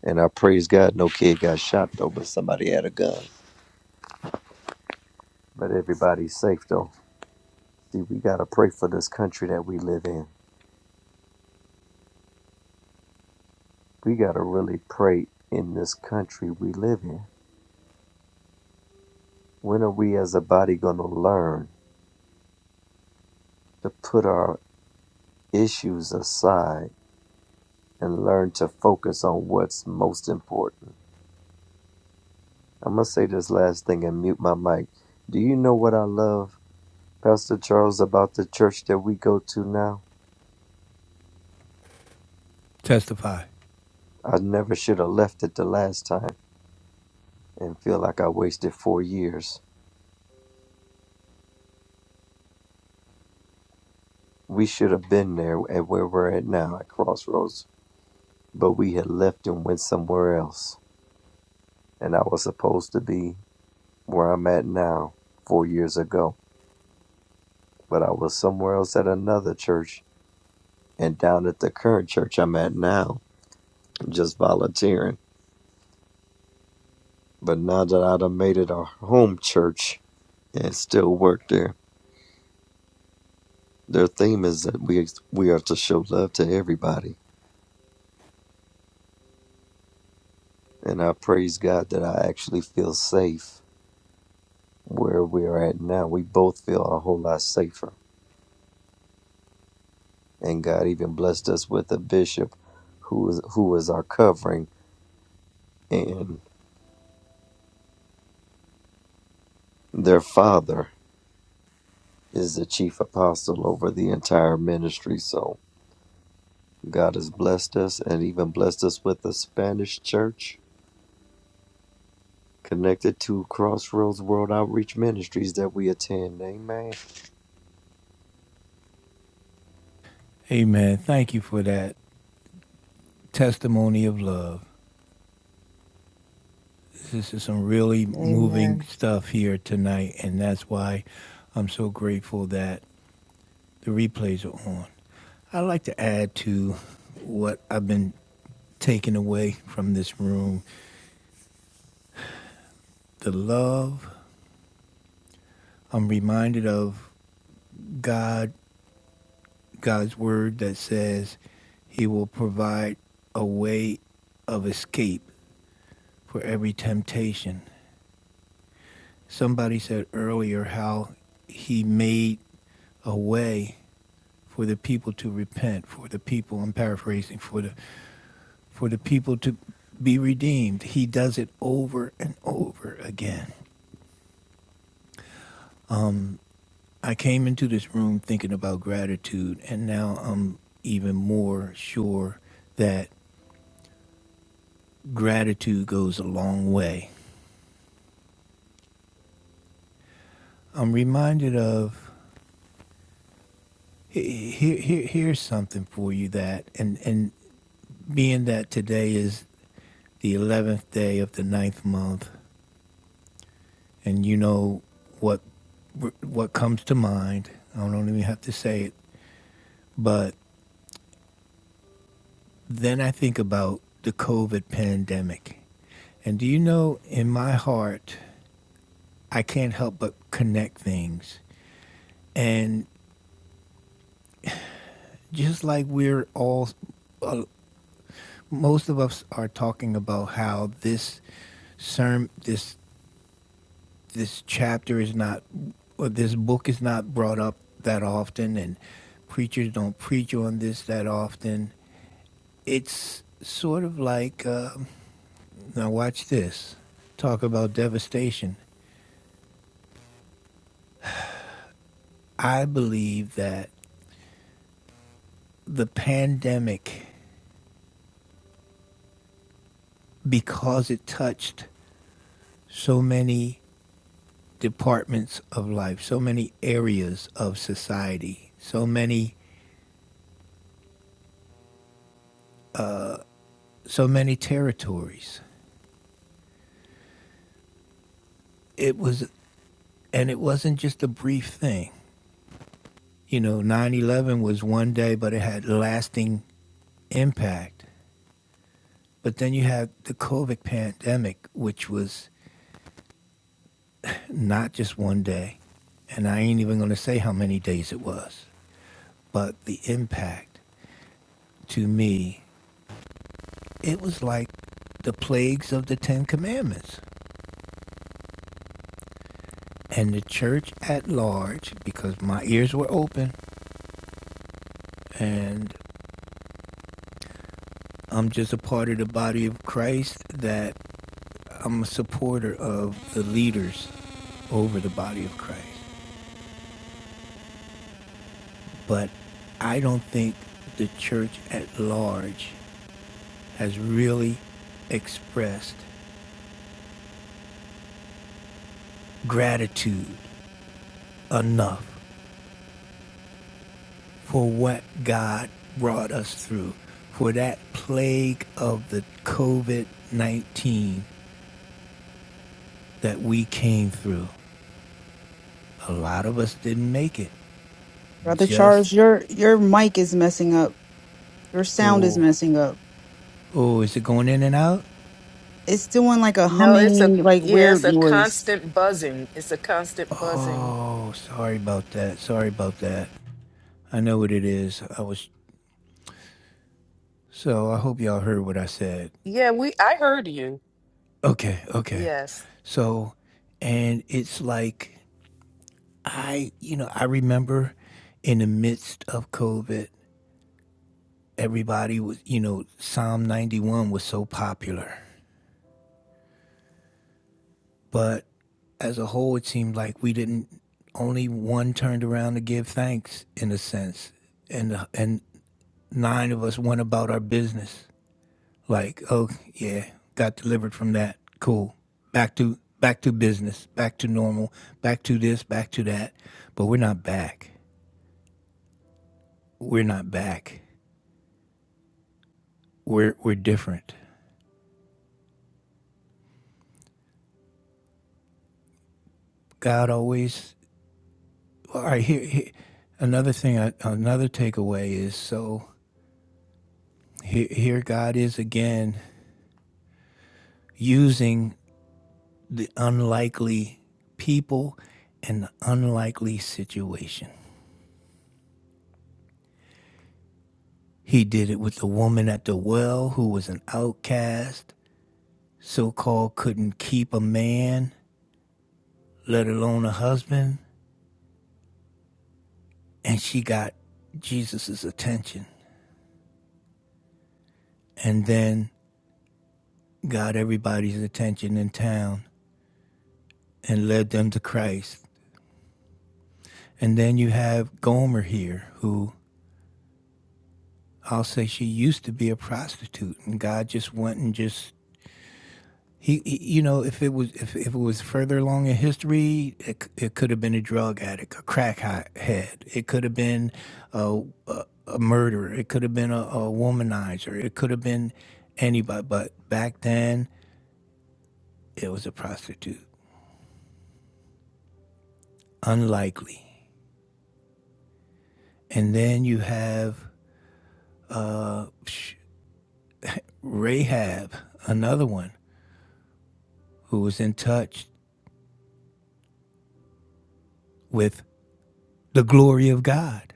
Speaker 4: And I praise God, no kid got shot though, but somebody had a gun. But everybody's safe though. See, we gotta pray for this country that we live in. We gotta really pray in this country we live in. When are we as a body gonna learn to put our issues aside and learn to focus on what's most important. I'm going to say this last thing and mute my mic. Do you know what I love, Pastor Charles, about the church that we go to now?
Speaker 1: Testify.
Speaker 4: I never should have left it the last time and feel like I wasted four years. We should have been there at where we're at now at Crossroads, but we had left and went somewhere else. And I was supposed to be where I'm at now four years ago, but I was somewhere else at another church and down at the current church I'm at now, just volunteering. But now that I have made it a home church and still work there, their theme is that we we are to show love to everybody, and I praise God that I actually feel safe where we are at now. We both feel a whole lot safer, and God even blessed us with a bishop who is who is our covering, and their father is the chief apostle over the entire ministry. So God has blessed us and even blessed us with a Spanish church connected to Crossroads World Outreach Ministries that we attend. Amen.
Speaker 1: Amen. Thank you for that testimony of love. This is some really moving
Speaker 2: Amen.
Speaker 1: stuff here tonight, and that's why I'm so grateful that the replays are on. I'd like to add to what I've been taking away from this room the love I'm reminded of God, God's word that says He will provide a way of escape for every temptation. Somebody said earlier how He made a way for the people to repent, for the people. I'm paraphrasing for the for the people to be redeemed. He does it over and over again. Um, I came into this room thinking about gratitude, and now I'm even more sure that. gratitude goes a long way. I'm reminded of here, here, here's something for you that, and, and being that today is the 11th day of the ninth month, and you know what, what comes to mind, I don't even have to say it, but then I think about the COVID pandemic. And do you know, in my heart, I can't help but connect things. And just like we're all, a, most of us are talking about how this sermon, this this chapter is not or this book is not brought up that often and preachers don't preach on this that often it's sort of like uh, now watch this talk about devastation i believe that the pandemic because it touched so many departments of life so many areas of society so many so many territories. It was, and it wasn't just a brief thing. You know, 9 11 was one day, but it had lasting impact. But then you had the COVID pandemic, which was not just one day. And I ain't even going to say how many days it was. But the impact to me, it was like the plagues of the Ten Commandments. And the church at large, because my ears were open and I'm just a part of the body of Christ that I'm a supporter of the leaders over the body of Christ. But I don't think the church at large has really expressed gratitude enough for what God brought us through, for that plague of the COVID 19 that we came through. A lot of us didn't make it.
Speaker 5: Brother
Speaker 1: Just,
Speaker 5: Charles, your your mic is messing up. Your sound is
Speaker 1: oh,
Speaker 5: messing up.
Speaker 1: oh, is it going in and out?
Speaker 5: It's doing like a
Speaker 2: No, it's a
Speaker 5: humming, like
Speaker 2: yeah, it's
Speaker 5: weird
Speaker 2: a
Speaker 5: noise.
Speaker 2: constant buzzing. It's a constant buzzing.
Speaker 1: Oh, sorry about that. Sorry about that. I know what it is. I was so I hope y'all heard what I said.
Speaker 2: Yeah, we I heard you.
Speaker 1: Okay, okay.
Speaker 2: Yes.
Speaker 1: So, and it's like I, you know, I remember in the midst of COVID, everybody was, you know, Psalm 91 was so popular. But as a whole, it seemed like we didn't. Only one turned around to give thanks, in a sense, and and nine of us went about our business. Like, oh yeah, got delivered from that. Cool. Back to back to business, back to normal, back to this, back to that. But we're not back. We're not back. We're we're different. God always. All right. Here, here another thing. uh, Another takeaway is so here, here. God is again using the unlikely people and the unlikely situation. He did it with the woman at the well who was an outcast. so called couldn't keep a man, let alone a husband. And she got Jesus's attention and then got everybody's attention in town and led them to Christ. And then you have Gomer here, who I'll say she used to be a prostitute, and God just went and just He, he- you know, if it was if, if it was further along in history, it, it could have been a drug addict, a crack head. It could have been a, a, a murderer. It could have been a, a womanizer. It could have been anybody. But back then, it was a prostitute. Unlikely. And then you have uh, Rahab, another one who was in touch with the glory of God.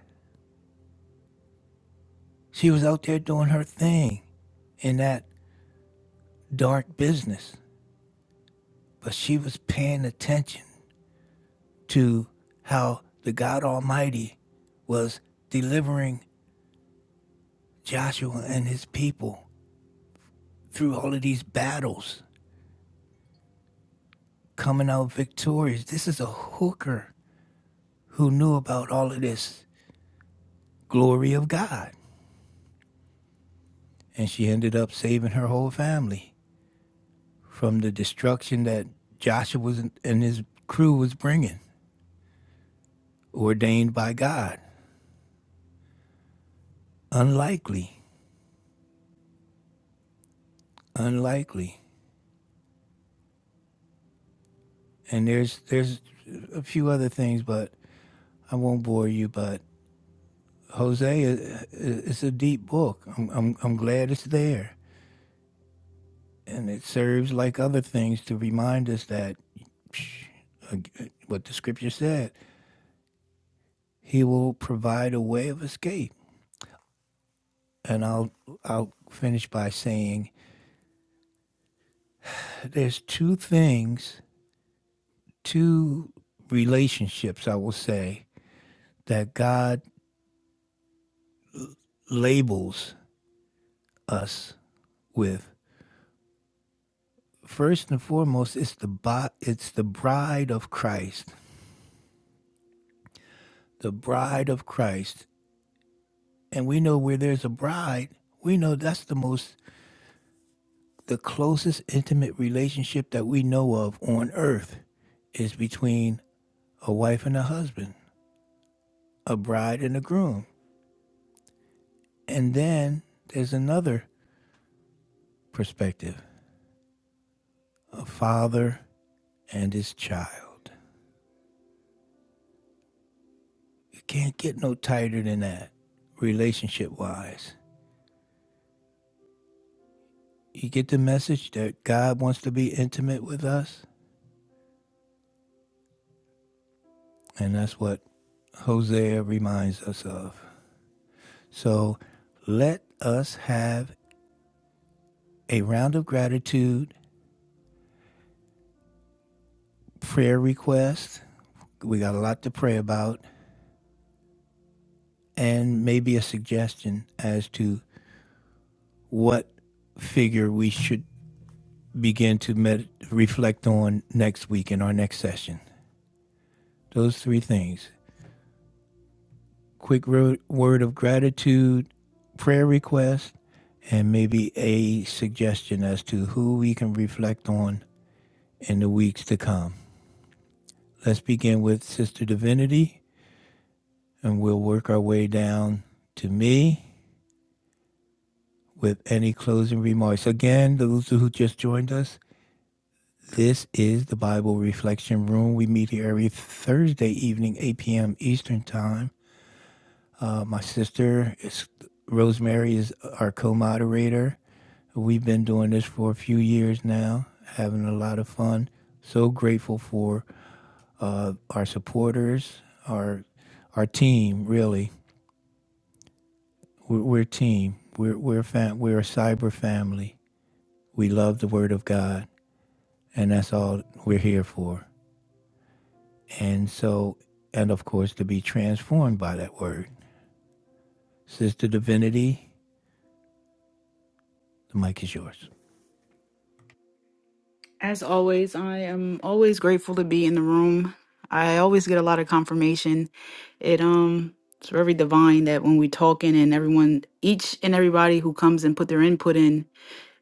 Speaker 1: She was out there doing her thing in that dark business. but she was paying attention to how the God Almighty was delivering Joshua and his people through all of these battles, coming out victorious. This is a hooker who knew about all of this glory of God. And she ended up saving her whole family from the destruction that Joshua and his crew was bringing, ordained by God. Unlikely, unlikely. And there's there's a few other things, but I won't bore you, but Jose, uh, uh, it's a deep book. I'm, I'm, I'm glad it's there. And it serves, like other things, to remind us that what the scripture said, he will provide a way of escape. And I'll, I'll finish by saying there's two things, two relationships, I will say, that God labels us with. First and foremost, it's the, bo- it's the bride of Christ the bride of Christ. And we know where there's a bride, we know that's the most, the closest intimate relationship that we know of on earth is between a wife and a husband, a bride and a groom. And then there's another perspective a father and his child. You can't get no tighter than that, relationship wise. You get the message that God wants to be intimate with us? And that's what Hosea reminds us of. So let us have a round of gratitude, prayer request. We got a lot to pray about, and maybe a suggestion as to what figure we should begin to med- reflect on next week in our next session. Those three things quick ro- word of gratitude, prayer request, and maybe a suggestion as to who we can reflect on in the weeks to come. Let's begin with Sister Divinity and we'll work our way down to me with any closing remarks. Again, those who just joined us, this is the Bible Reflection Room. We meet here every Thursday evening, 8 p.m. Eastern Time. Uh, my sister is Rosemary is our co-moderator. We've been doing this for a few years now, having a lot of fun. So grateful for uh, our supporters, our our team. Really, we're, we're a team. We're we're fam- we're a cyber family. We love the Word of God, and that's all we're here for. And so, and of course, to be transformed by that Word, Sister Divinity. The mic is yours.
Speaker 5: As always, I am always grateful to be in the room. I always get a lot of confirmation. It um it's very divine that when we talking and everyone each and everybody who comes and put their input in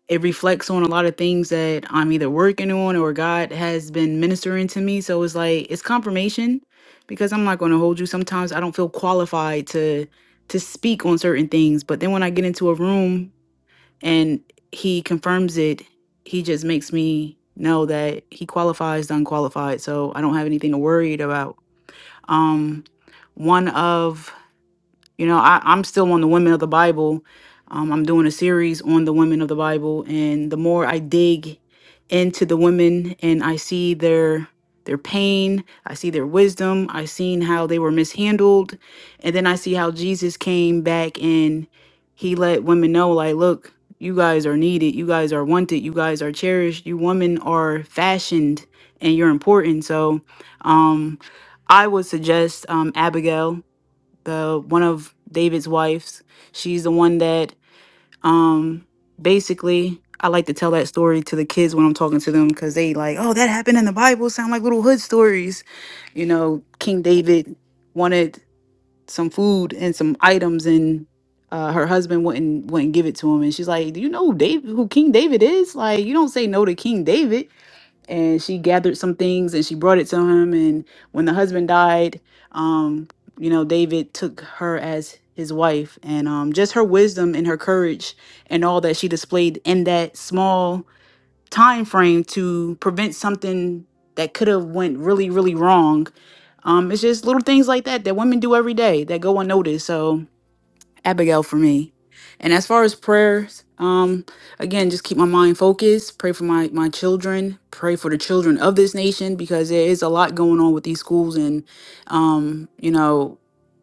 Speaker 5: it reflects on a lot of things that I'm either working on or God has been ministering to me. So it's like it's confirmation because I'm not going to hold you. Sometimes I don't feel qualified to to speak on certain things, but then when I get into a room and he confirms it, he just makes me know that he qualifies the unqualified. So I don't have anything to worry about. Um one of you know, I, I'm still on the women of the Bible. Um, I'm doing a series on the women of the Bible, and the more I dig into the women and I see their their pain, I see their wisdom, I seen how they were mishandled, and then I see how Jesus came back and he let women know, like, look, you guys are needed, you guys are wanted, you guys are cherished, you women are fashioned, and you're important. So, um, I would suggest um, Abigail the one of David's wives. She's the one that um basically I like to tell that story to the kids when I'm talking to them because they like, oh, that happened in the Bible, sound like little hood stories. You know, King David wanted some food and some items and uh, her husband wouldn't wouldn't give it to him and she's like, Do you know who David who King David is? Like you don't say no to King David and she gathered some things and she brought it to him and when the husband died um you know david took her as his wife and um just her wisdom and her courage and all that she displayed in that small time frame to prevent something that could have went really really wrong um it's just little things like that that women do every day that go unnoticed so Abigail for me. And as far as prayers, um, again, just keep my mind focused. Pray for my my children. Pray for the children of this nation because there is a lot going on with these schools and, um, you know,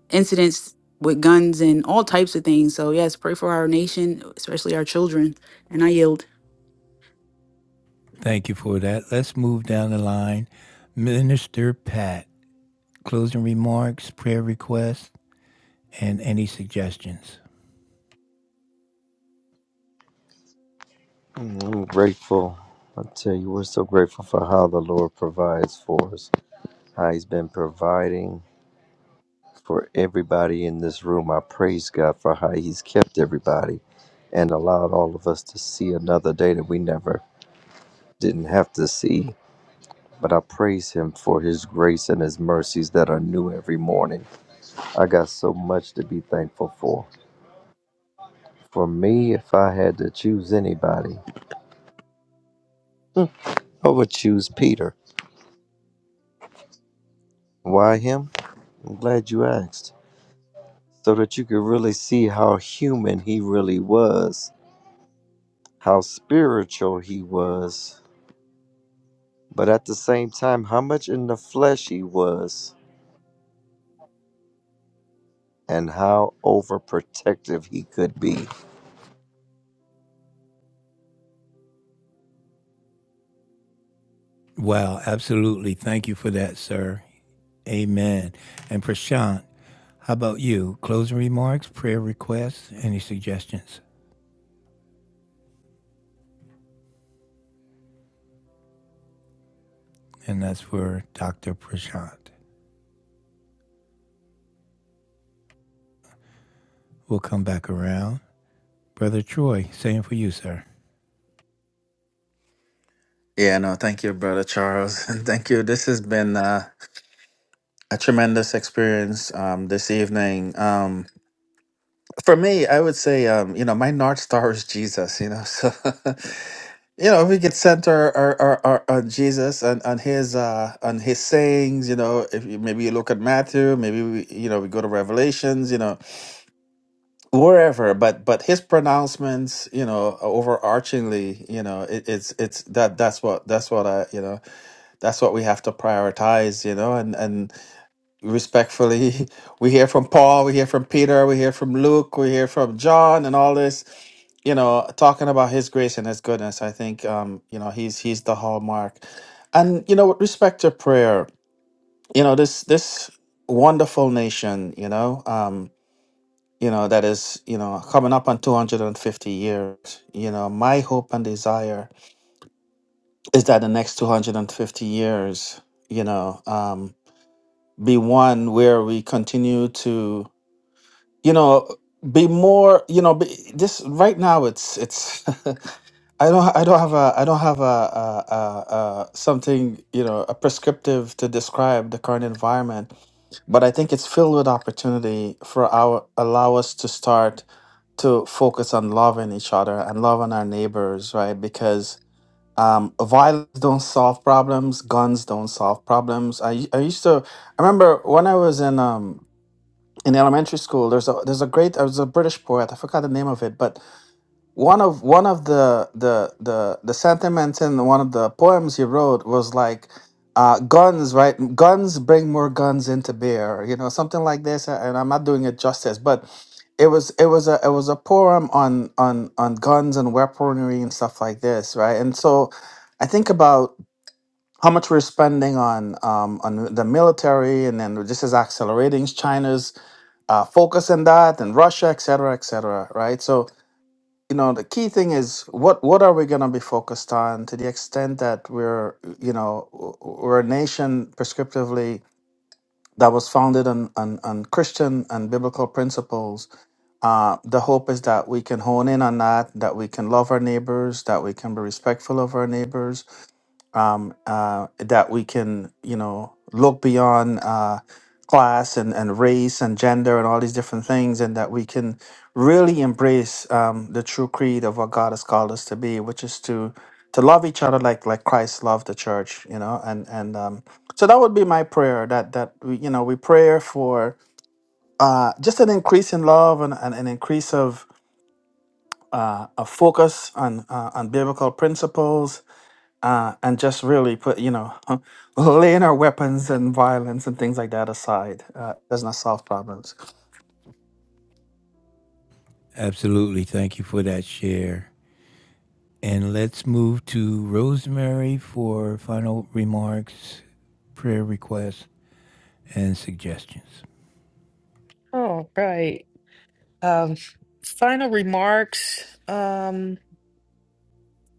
Speaker 5: incidents with guns and all types of things. So yes, pray for our nation, especially our children. And I yield.
Speaker 1: Thank you for that. Let's move down the line. Minister Pat, closing remarks, prayer requests, and any suggestions.
Speaker 4: I'm grateful. I tell you, we're so grateful for how the Lord provides for us, how He's been providing for everybody in this room. I praise God for how He's kept everybody and allowed all of us to see another day that we never didn't have to see. But I praise Him for His grace and His mercies that are new every morning. I got so much to be thankful for. For me, if I had to choose anybody, I would choose Peter. Why him? I'm glad you asked. So that you could really see how human he really was, how spiritual he was, but at the same time, how much in the flesh he was, and how overprotective he could be.
Speaker 1: Wow, absolutely. Thank you for that, sir. Amen. And Prashant, how about you? Closing remarks, prayer requests, any suggestions? And that's for Dr. Prashant. We'll come back around. Brother Troy, same for you, sir.
Speaker 3: yeah no thank you brother charles and thank you this has been uh a tremendous experience um, this evening. Um, for me, I would say, um, you know, my North Star is Jesus, you know, so you know, we could center our, our, our, on Jesus and on his uh on his sayings, you know, if you, maybe you look at Matthew, maybe we you know, we go to Revelations, you know, wherever, but but his pronouncements, you know, overarchingly, you know, it, it's it's that that's what that's what I, you know, that's what we have to prioritize, you know, and and respectfully. We hear from Paul, we hear from Peter, we hear from Luke, we hear from John, and all this. You know, talking about His grace and His goodness. I think um, you know He's He's the hallmark. And you know, with respect to prayer, you know this this wonderful nation, you know, um, you know that is you know coming up on 250 years. You know, my hope and desire is that the next 250 years, you know, um, be one where we continue to you know be more you know be, this right now it's it's i don't i don't have a i don't have a, a, a, a something you know a prescriptive to describe the current environment but i think it's filled with opportunity for our allow us to start to focus on loving each other and loving our neighbors right because um, violence don't solve problems guns don't solve problems I I used to i remember when i was in um, in elementary school there's a there's a great there's a british poet i forgot the name of it but one of one of the the the the sentiments in one of the poems he wrote was like uh, guns right guns bring more guns into bear," you know something like this and i'm not doing it justice but it was it was a it was a poem on on on guns and weaponry and stuff like this right and so i think about how much we're spending on um, on the military, and then this is accelerating China's uh, focus on that and Russia, et cetera, et cetera, right? So, you know, the key thing is what what are we going to be focused on to the extent that we're, you know, w- we're a nation prescriptively that was founded on, on, on Christian and biblical principles. Uh, the hope is that we can hone in on that, that we can love our neighbors, that we can be respectful of our neighbors, um, uh, that we can, you know, look beyond uh, class and, and race and gender and all these different things, and that we can really embrace um, the true creed of what God has called us to be, which is to to love each other like like Christ loved the church, you know, and and um, so that would be my prayer that that we, you know we pray for uh, just an increase in love and, and an increase of uh, a focus on uh, on biblical principles uh, and just really put, you know, laying our weapons and violence and things like that aside uh, does not solve problems.
Speaker 1: Absolutely. Thank you for that share. And let's move to Rosemary for final remarks, prayer requests, and suggestions.
Speaker 2: All right. Um, final remarks. Um,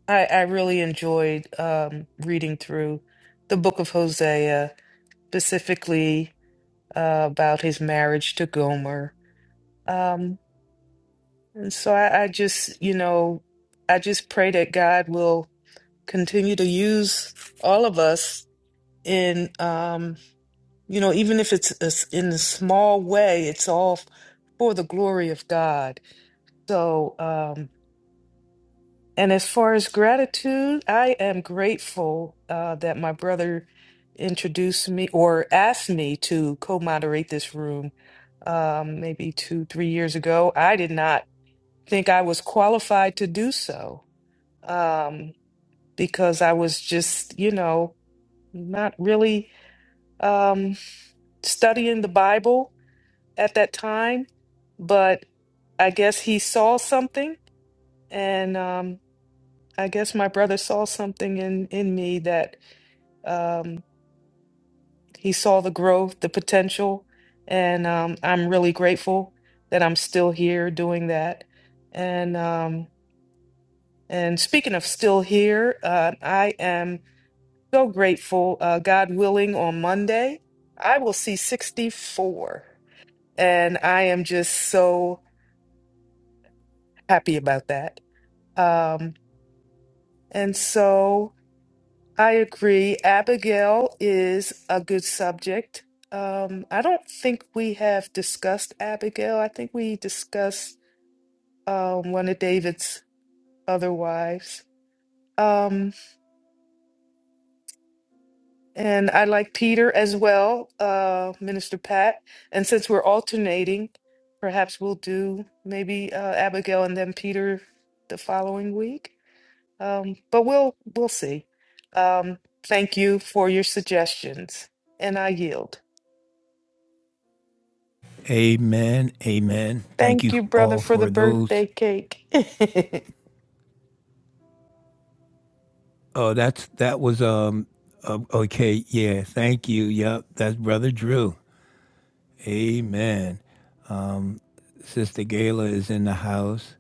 Speaker 2: I, I really enjoyed um, reading through the book of Hosea, specifically uh, about his marriage to Gomer. Um, And so I, I just, you know, I just pray that God will continue to use all of us in, um, you know, even if it's a s- in a small way, it's all for the glory of God. So, um, and as far as gratitude, I am grateful uh, that my brother introduced me or asked me to co-moderate this room um, maybe two, three years ago. I did not think I was qualified to do so um, because I was just, you know, not really um, studying the Bible at that time. But I guess he saw something, and um, I guess my brother saw something in in me that um, he saw the growth, the potential, and um, I'm really grateful that I'm still here doing that. And um, and speaking of still here, uh, I am. So grateful. Uh, God willing, on Monday, I will see 64. And I am just so happy about that. Um, and so I agree. Abigail is a good subject. Um, I don't think we have discussed Abigail. I think we discussed um, one of David's other wives. Um, And I like Peter as well, uh, Minister Pat. And since we're alternating, perhaps we'll do maybe uh, Abigail and then Peter the following week. Um, but we'll we'll see. Um, thank you for your suggestions, and I yield.
Speaker 1: Amen. Amen. Thank
Speaker 2: Thank
Speaker 1: you
Speaker 2: you, brother,
Speaker 1: all
Speaker 2: for the
Speaker 1: for those
Speaker 2: birthday cake.
Speaker 1: Oh, that's that was um uh, okay. Yeah, thank you. Yep, that's brother Drew. Amen. Sister Gayla is in the house.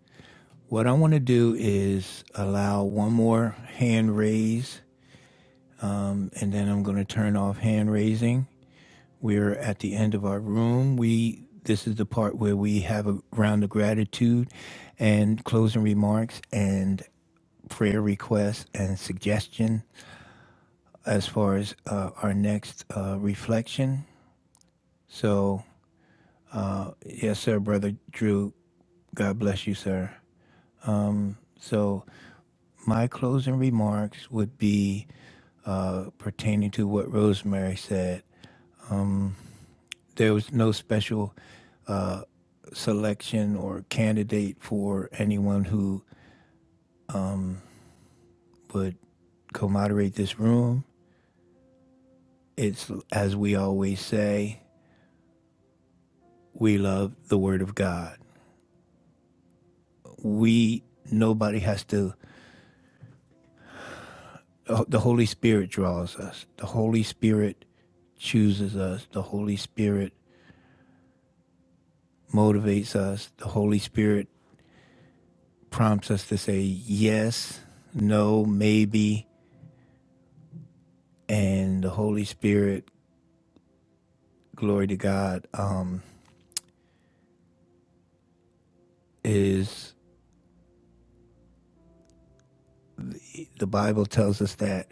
Speaker 1: What I want to do is allow one more hand raise, and then I'm going to turn off hand raising. We're at the end of our room. We this is the part where we have a round of gratitude, and closing remarks, and prayer requests and suggestion as far as uh, our next uh, reflection. So, yes, sir, Brother Drew. God bless you, sir. So, my closing remarks would be uh, pertaining to what Rosemary said. There was no special selection or candidate for anyone who would co moderate this room. It's, as we always say, we love the Word of God. We, nobody has to, oh, the Holy Spirit draws us. The Holy Spirit chooses us. The Holy Spirit motivates us. The Holy Spirit prompts us to say yes, no, maybe. And the Holy Spirit, glory to God, um, is the Bible tells us that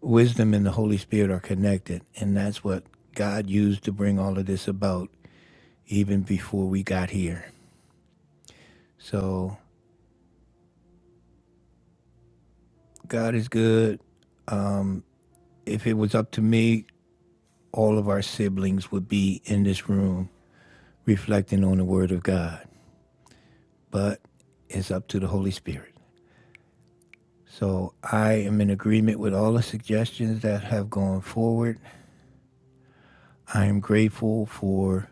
Speaker 1: wisdom and the Holy Spirit are connected. And that's what God used to bring all of this about even before we got here. So God is good. If it was up to me, all of our siblings would be in this room reflecting on the Word of God. but it's up to the Holy Spirit. So I am in agreement with all the suggestions that have gone forward. I am grateful for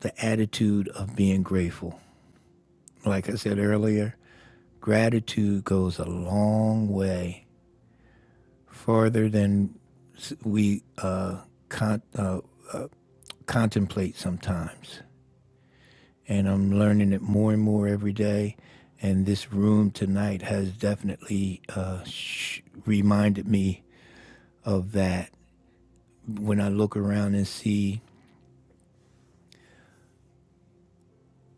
Speaker 1: the attitude of being grateful. Like I said earlier, gratitude goes a long way, farther than we uh, con- uh, contemplate sometimes. And I'm learning it more and more every day. And this room tonight has definitely uh, sh- reminded me of that when I look around and see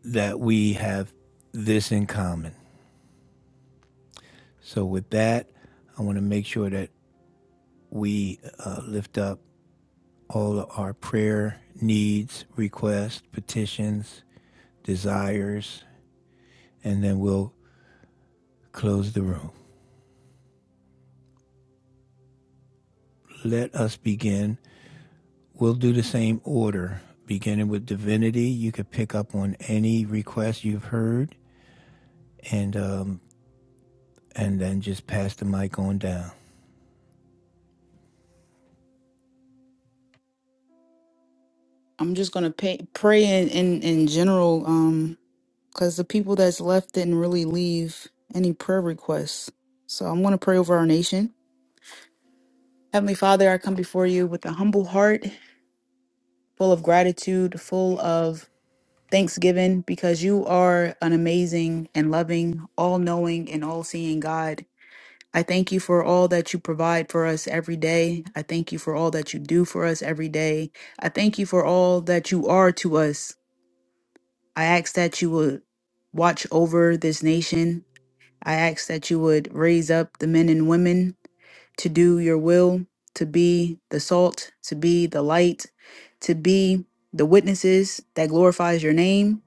Speaker 1: that we have this in common. So, with that, I want to make sure that we uh, lift up all of our prayer needs, requests, petitions, desires, and then we'll close the room. Let us begin. We'll do the same order, beginning with divinity. You could pick up on any request you've heard, and um, and then just pass the mic on down.
Speaker 5: I'm just gonna pay, pray in, in in general, um, because the people that's left didn't really leave any prayer requests. So I'm gonna pray over our nation. Heavenly Father, I come before you with a humble heart, full of gratitude, full of thanksgiving, because you are an amazing and loving, all knowing, and all seeing God. I thank you for all that you provide for us every day. I thank you for all that you do for us every day. I thank you for all that you are to us. I ask that you would watch over this nation. I ask that you would raise up the men and women to do your will, to be the salt, to be the light, to be the witnesses that glorifies your name.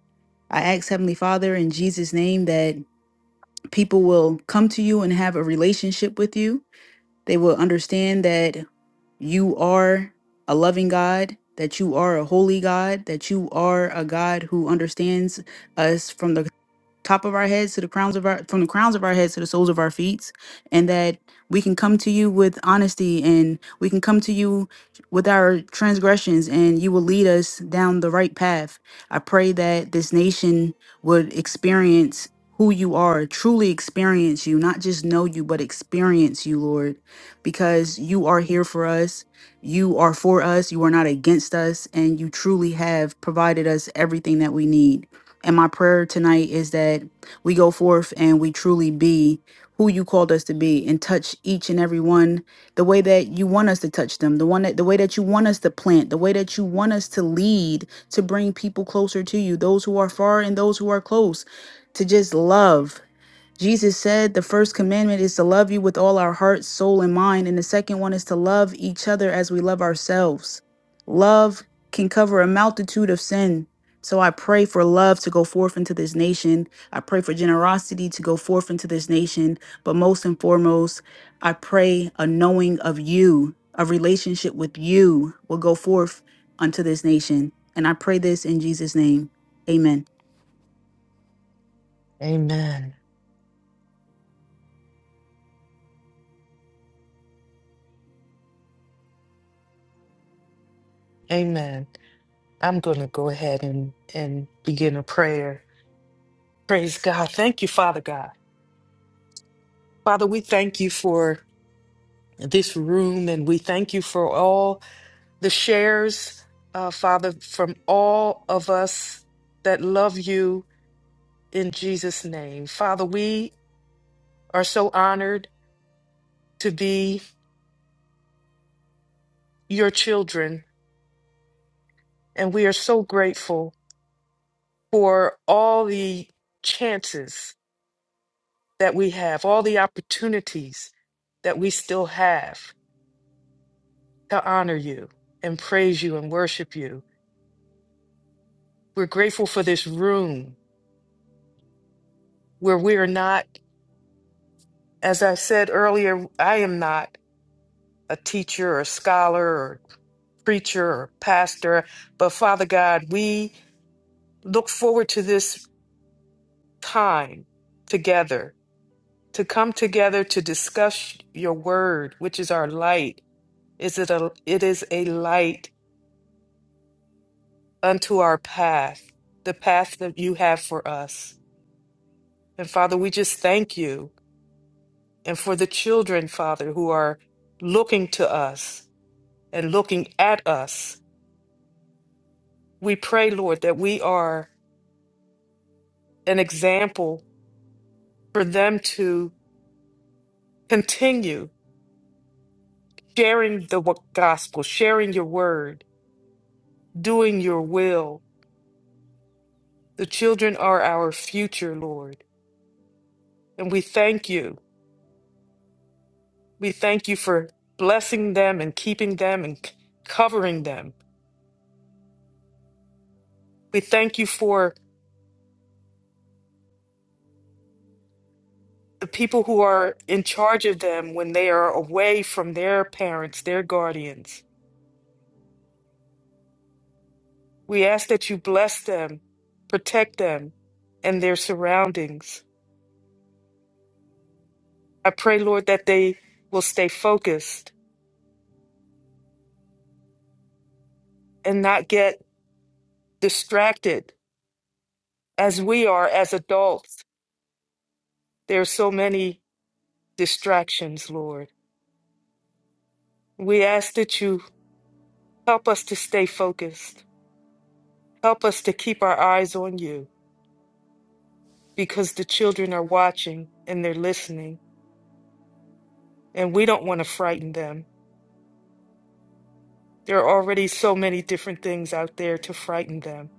Speaker 5: I ask Heavenly Father in Jesus name that people will come to you and have a relationship with you. They will understand that you are a loving God, that you are a holy God, that you are a God who understands us from the top of our heads to the crowns of our from the crowns of our heads to the soles of our feet and that we can come to you with honesty and we can come to you with our transgressions and you will lead us down the right path i pray that this nation would experience who you are truly experience you not just know you but experience you lord because you are here for us you are for us you are not against us and you truly have provided us everything that we need and my prayer tonight is that we go forth and we truly be who you called us to be and touch each and every one the way that you want us to touch them, the one that the way that you want us to plant, the way that you want us to lead to bring people closer to you, those who are far and those who are close, to just love Jesus said the first commandment is to love you with all our heart, soul, and mind. And the second one is to love each other as we love ourselves. Love can cover a multitude of sin. So I pray for love to go forth into this nation. I pray for generosity to go forth into this nation. But most and foremost, I pray a knowing of you, a relationship with you will go forth unto this nation. And I pray this in Jesus' name. Amen.
Speaker 2: Amen. Amen. I'm going to go ahead and and begin a prayer. Praise God. Thank you, Father God. Father, we thank you for. this room, and we thank you for all the shares, uh, Father, from all of us that love you in Jesus' name. Father, we are so honored to be your children, and we are so grateful for all the chances that we have, all the opportunities that we still have to honor you and praise you and worship you. We're grateful for this room where we are not As I said earlier, I am not a teacher or scholar or preacher or pastor, but Father God, we look forward to this time together, to come together to discuss your word, which is our light. Is it a it is a light unto our path, the path that you have for us. And Father, we just thank you and for the children, Father, who are looking to us and looking at us We pray, Lord, that we are an example for them to continue sharing the wo- gospel, sharing your word, doing your will. The children are our future, Lord. And we thank you. We thank you for blessing them and keeping them and c- covering them. We thank you for the people who are in charge of them when they are away from their parents, their guardians. We ask that you bless them, protect them, and their surroundings. I pray, Lord, that they will stay focused and not get distracted as we are as adults. There are so many distractions, Lord. We ask that you help us to stay focused. Help us to keep our eyes on you because the children are watching and they're listening, and we don't want to frighten them. There are already so many different things out there to frighten them.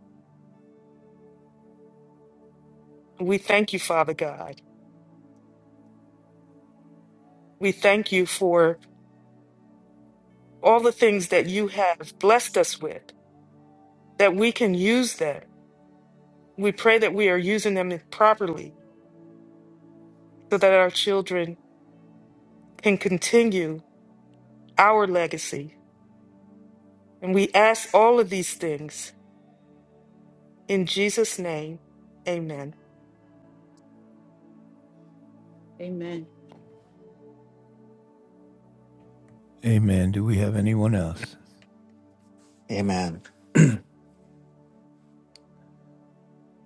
Speaker 2: We thank you, Father God. We thank you for all the things that you have blessed us with, that we can use them. We pray that we are using them properly so that our children can continue our legacy. And we ask all of these things in Jesus' name. Amen.
Speaker 5: Amen.
Speaker 1: Amen. Do we have anyone else?
Speaker 3: Amen.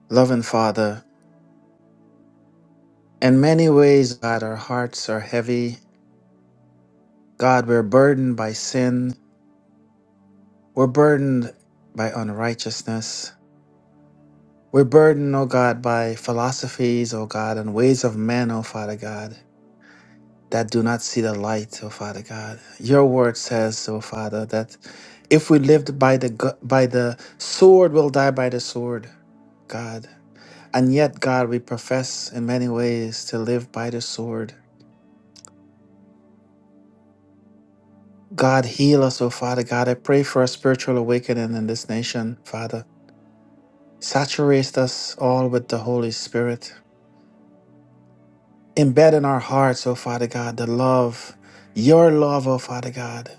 Speaker 3: Loving Father, in many ways, God, our hearts are heavy. God, we're burdened by sin. We're burdened by unrighteousness. We're burdened, oh God, by philosophies, oh God, and ways of men, oh Father God. that do not see the light, oh Father God. Your word says, oh Father, that if we lived by the gu- by the sword, we'll die by the sword, God. And yet, God, we profess in many ways to live by the sword. God, heal us, oh Father God. I pray for a spiritual awakening in this nation, Father. Saturate us all with the Holy Spirit. Embed in our hearts, oh Father God, the love, your love, oh Father God.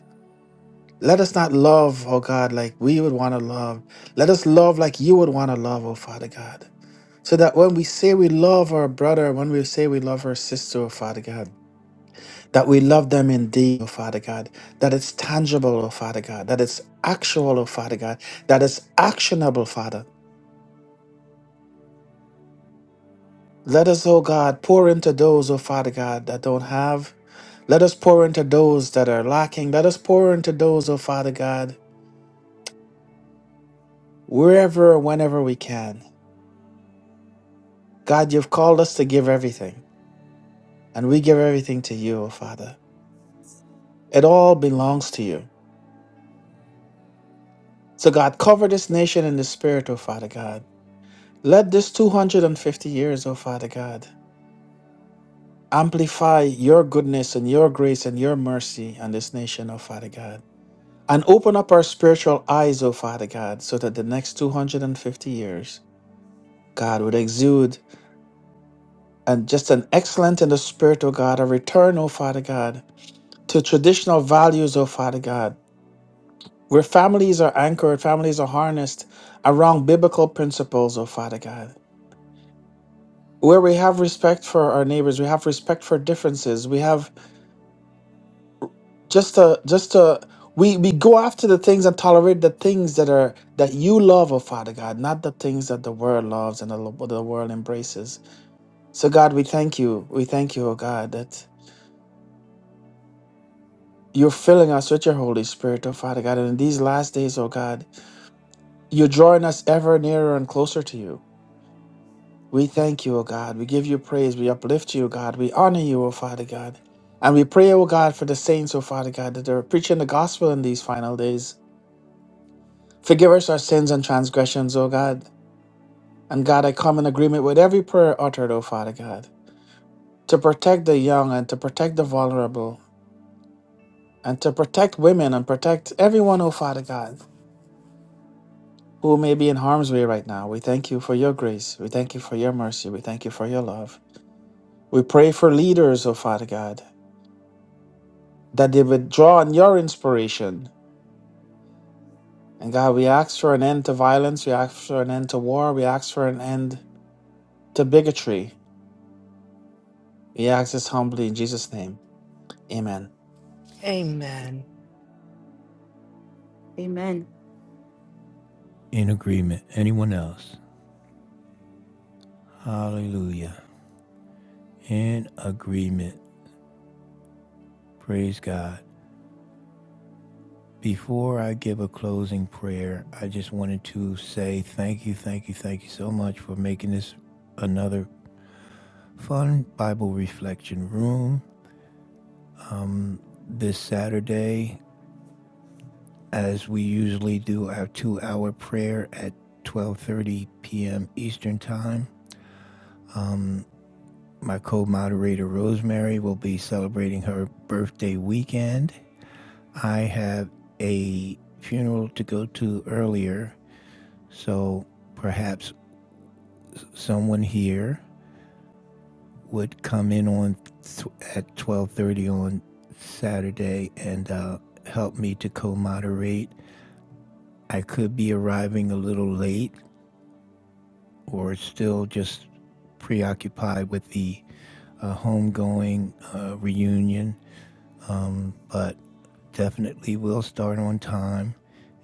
Speaker 3: Let us not love, oh God, like we would want to love. Let us love like you would want to love, oh Father God. So that when we say we love our brother, when we say we love our sister, oh Father God, that we love them indeed, oh Father God, that it's tangible, oh Father God, that it's actual, oh Father God, that it's actionable, Father. Let us, oh God, pour into those, oh Father God, that don't have. Let us pour into those that are lacking. Let us pour into those, oh Father God, wherever, whenever we can. God, you've called us to give everything, and we give everything to you, O Father. It all belongs to you. So, God, cover this nation in the Spirit, O Father God. Let this 250 years, O Father God, amplify your goodness and your grace and your mercy on this nation, O Father God. And open up our spiritual eyes, O Father God, so that the next 250 years, God, would exude and just an excellent in the Spirit, O God, a return, O Father God, to traditional values, O Father God where families are anchored, families are harnessed around biblical principles, oh Father God. Where we have respect for our neighbors, we have respect for differences, we have just a just a we we go after the things and tolerate the things that are that you love, oh Father God, not the things that the world loves and the, lo- the world embraces. So God, we thank you. We thank you, oh God, that you're filling us with your Holy Spirit, oh Father God. And in these last days, oh God, you're drawing us ever nearer and closer to you. We thank you, O God. We give you praise. We uplift you, O God. We honor you, O Father God. And we pray, O God, for the saints, O Father God, that are preaching the gospel in these final days. Forgive us our sins and transgressions, O God. And God, I come in agreement with every prayer uttered, O Father God, to protect the young and to protect the vulnerable and to protect women and protect everyone, O Father God, who may be in harm's way right now. We thank you for your grace. We thank you for your mercy. We thank you for your love. We pray for leaders, O Father God. that they would draw on your inspiration. And God, we ask for an end to violence. We ask for an end to war. We ask for an end to bigotry. We ask this humbly in Jesus' name. Amen.
Speaker 2: Amen.
Speaker 5: Amen.
Speaker 1: in agreement. Anyone else? Hallelujah. In agreement. Praise God. Before I give a closing prayer, I just wanted to say thank you, thank you, thank you so much for making this another fun Bible reflection room this Saturday as we usually do our 2-hour prayer at 12:30 p.m. Eastern Time. My co-moderator Rosemary will be celebrating her birthday weekend I have a funeral to go to earlier, so perhaps someone here would come in on th- at 12:30 on Saturday and uh, help me to co-moderate. I could be arriving a little late or still just preoccupied with the uh, homegoing uh, reunion, but definitely will start on time.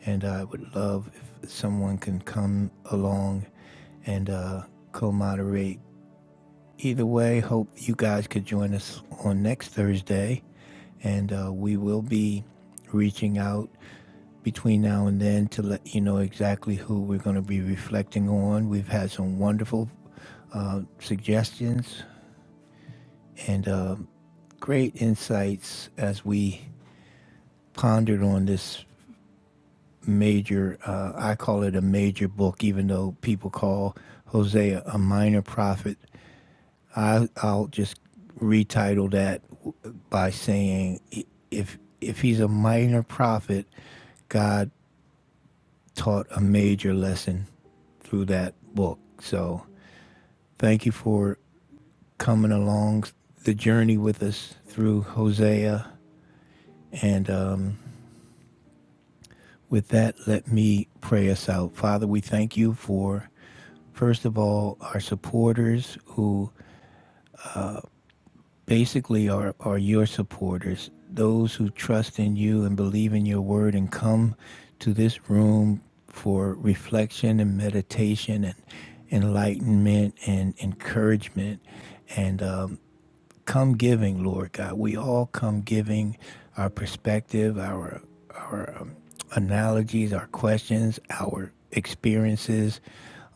Speaker 1: And I would love if someone can come along and uh, co moderate. Either way, hope you guys could join us on next Thursday. And uh, we will be reaching out between now and then to let you know exactly who we're going to be reflecting on. We've had some wonderful uh, suggestions and um great insights as we pondered on this major, uh, I call it a major book, even though people call Hosea a minor prophet. I, I'll just retitle that by saying if, if he's a minor prophet, God taught a major lesson through that book. So thank you for coming along the journey with us through Hosea. And um, with that, let me pray us out. Father, we thank you for First of all, our supporters who basically are, are your supporters, those who trust in you and believe in your word and come to this room for reflection and meditation and enlightenment and encouragement. and. um, come giving, Lord God. We all come giving our perspective, our our um, analogies, our questions, our experiences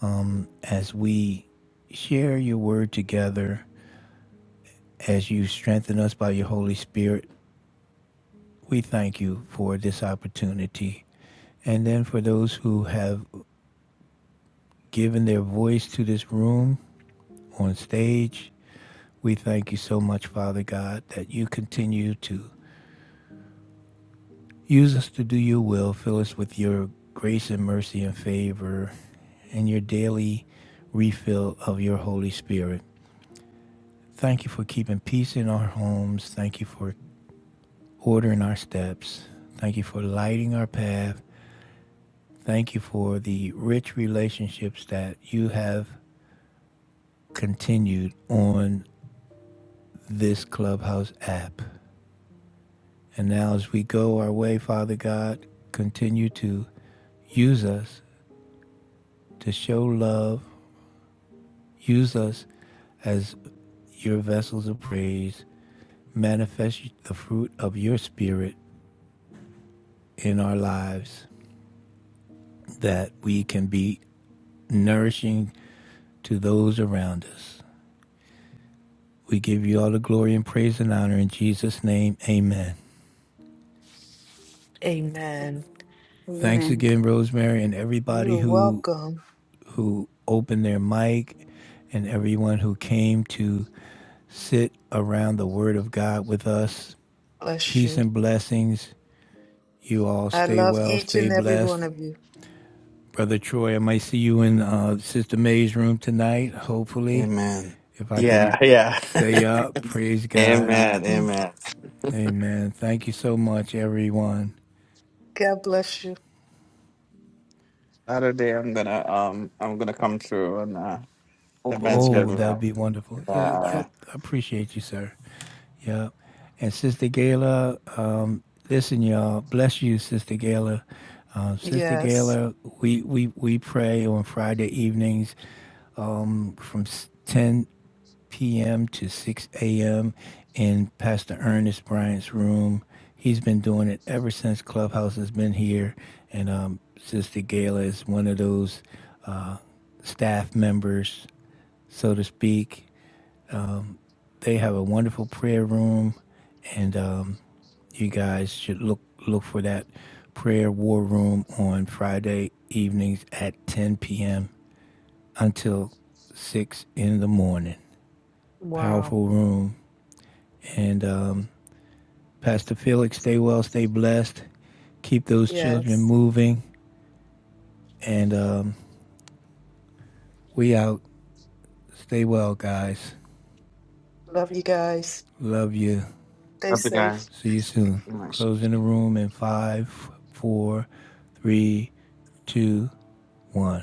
Speaker 1: um, as we share your word together, as you strengthen us by your Holy Spirit. We thank you for this opportunity. And then for those who have given their voice to this room on stage, we thank you so much, Father God, that you continue to Use us to do your will. Fill us with your grace and mercy and favor and your daily refill of your Holy Spirit. Thank you for keeping peace in our homes. Thank you for ordering our steps. Thank you for lighting our path. Thank you for the rich relationships that you have continued on this Clubhouse app. And now, as we go our way, Father God, continue to use us to show love. Use us as your vessels of praise, manifest the fruit of your spirit in our lives that we can be nourishing to those around us. We give you all the glory and praise and honor in Jesus' name. Amen.
Speaker 2: Amen.
Speaker 1: Thanks
Speaker 5: Amen.
Speaker 1: again, Rosemary, and everybody
Speaker 2: You're
Speaker 1: who
Speaker 2: welcome.
Speaker 1: who opened their mic and everyone who came to sit around the Word of God with us.
Speaker 2: Bless
Speaker 1: Peace
Speaker 2: you.
Speaker 1: and blessings. You all
Speaker 2: I
Speaker 1: stay
Speaker 2: love
Speaker 1: well,
Speaker 2: each
Speaker 1: stay
Speaker 2: and every
Speaker 1: blessed,
Speaker 2: one of you.
Speaker 1: Brother Troy, I might see you in uh, Sister May's room tonight, hopefully,
Speaker 3: Amen.
Speaker 1: if I
Speaker 3: Yeah,
Speaker 1: can
Speaker 3: yeah.
Speaker 1: stay up. Praise God.
Speaker 3: amen.
Speaker 2: Mm.
Speaker 3: Amen.
Speaker 1: Amen. Thank you so much, everyone.
Speaker 2: God bless you.
Speaker 3: Amen.
Speaker 1: Oh, that'd be wonderful. Yeah, yeah. I appreciate you, sir. Yeah. And Sister Gayla, um, listen, y'all. Bless you, Sister Gayla. Um, Sister
Speaker 2: Yes.
Speaker 1: Gayla, we, we, we pray on Friday evenings um, from 10 p.m. to 6 a.m. in Pastor Ernest Bryant's room. He's been doing it ever since Clubhouse has been here, and um, Sister Gayla is one of those uh, staff members, so to speak. Um, they have a wonderful prayer room, and um, you guys should look look for that prayer war room on Friday evenings at 10 p.m. until six in the morning.
Speaker 2: Wow.
Speaker 1: Powerful room And um, Pastor Felix, stay well, stay blessed. Keep those children
Speaker 2: Yes.
Speaker 1: moving. And um, we out. Stay well, guys.
Speaker 2: Love you guys.
Speaker 1: Love you.
Speaker 2: Stay safe.
Speaker 1: See you soon. Closing the room in five, four, three, two, one.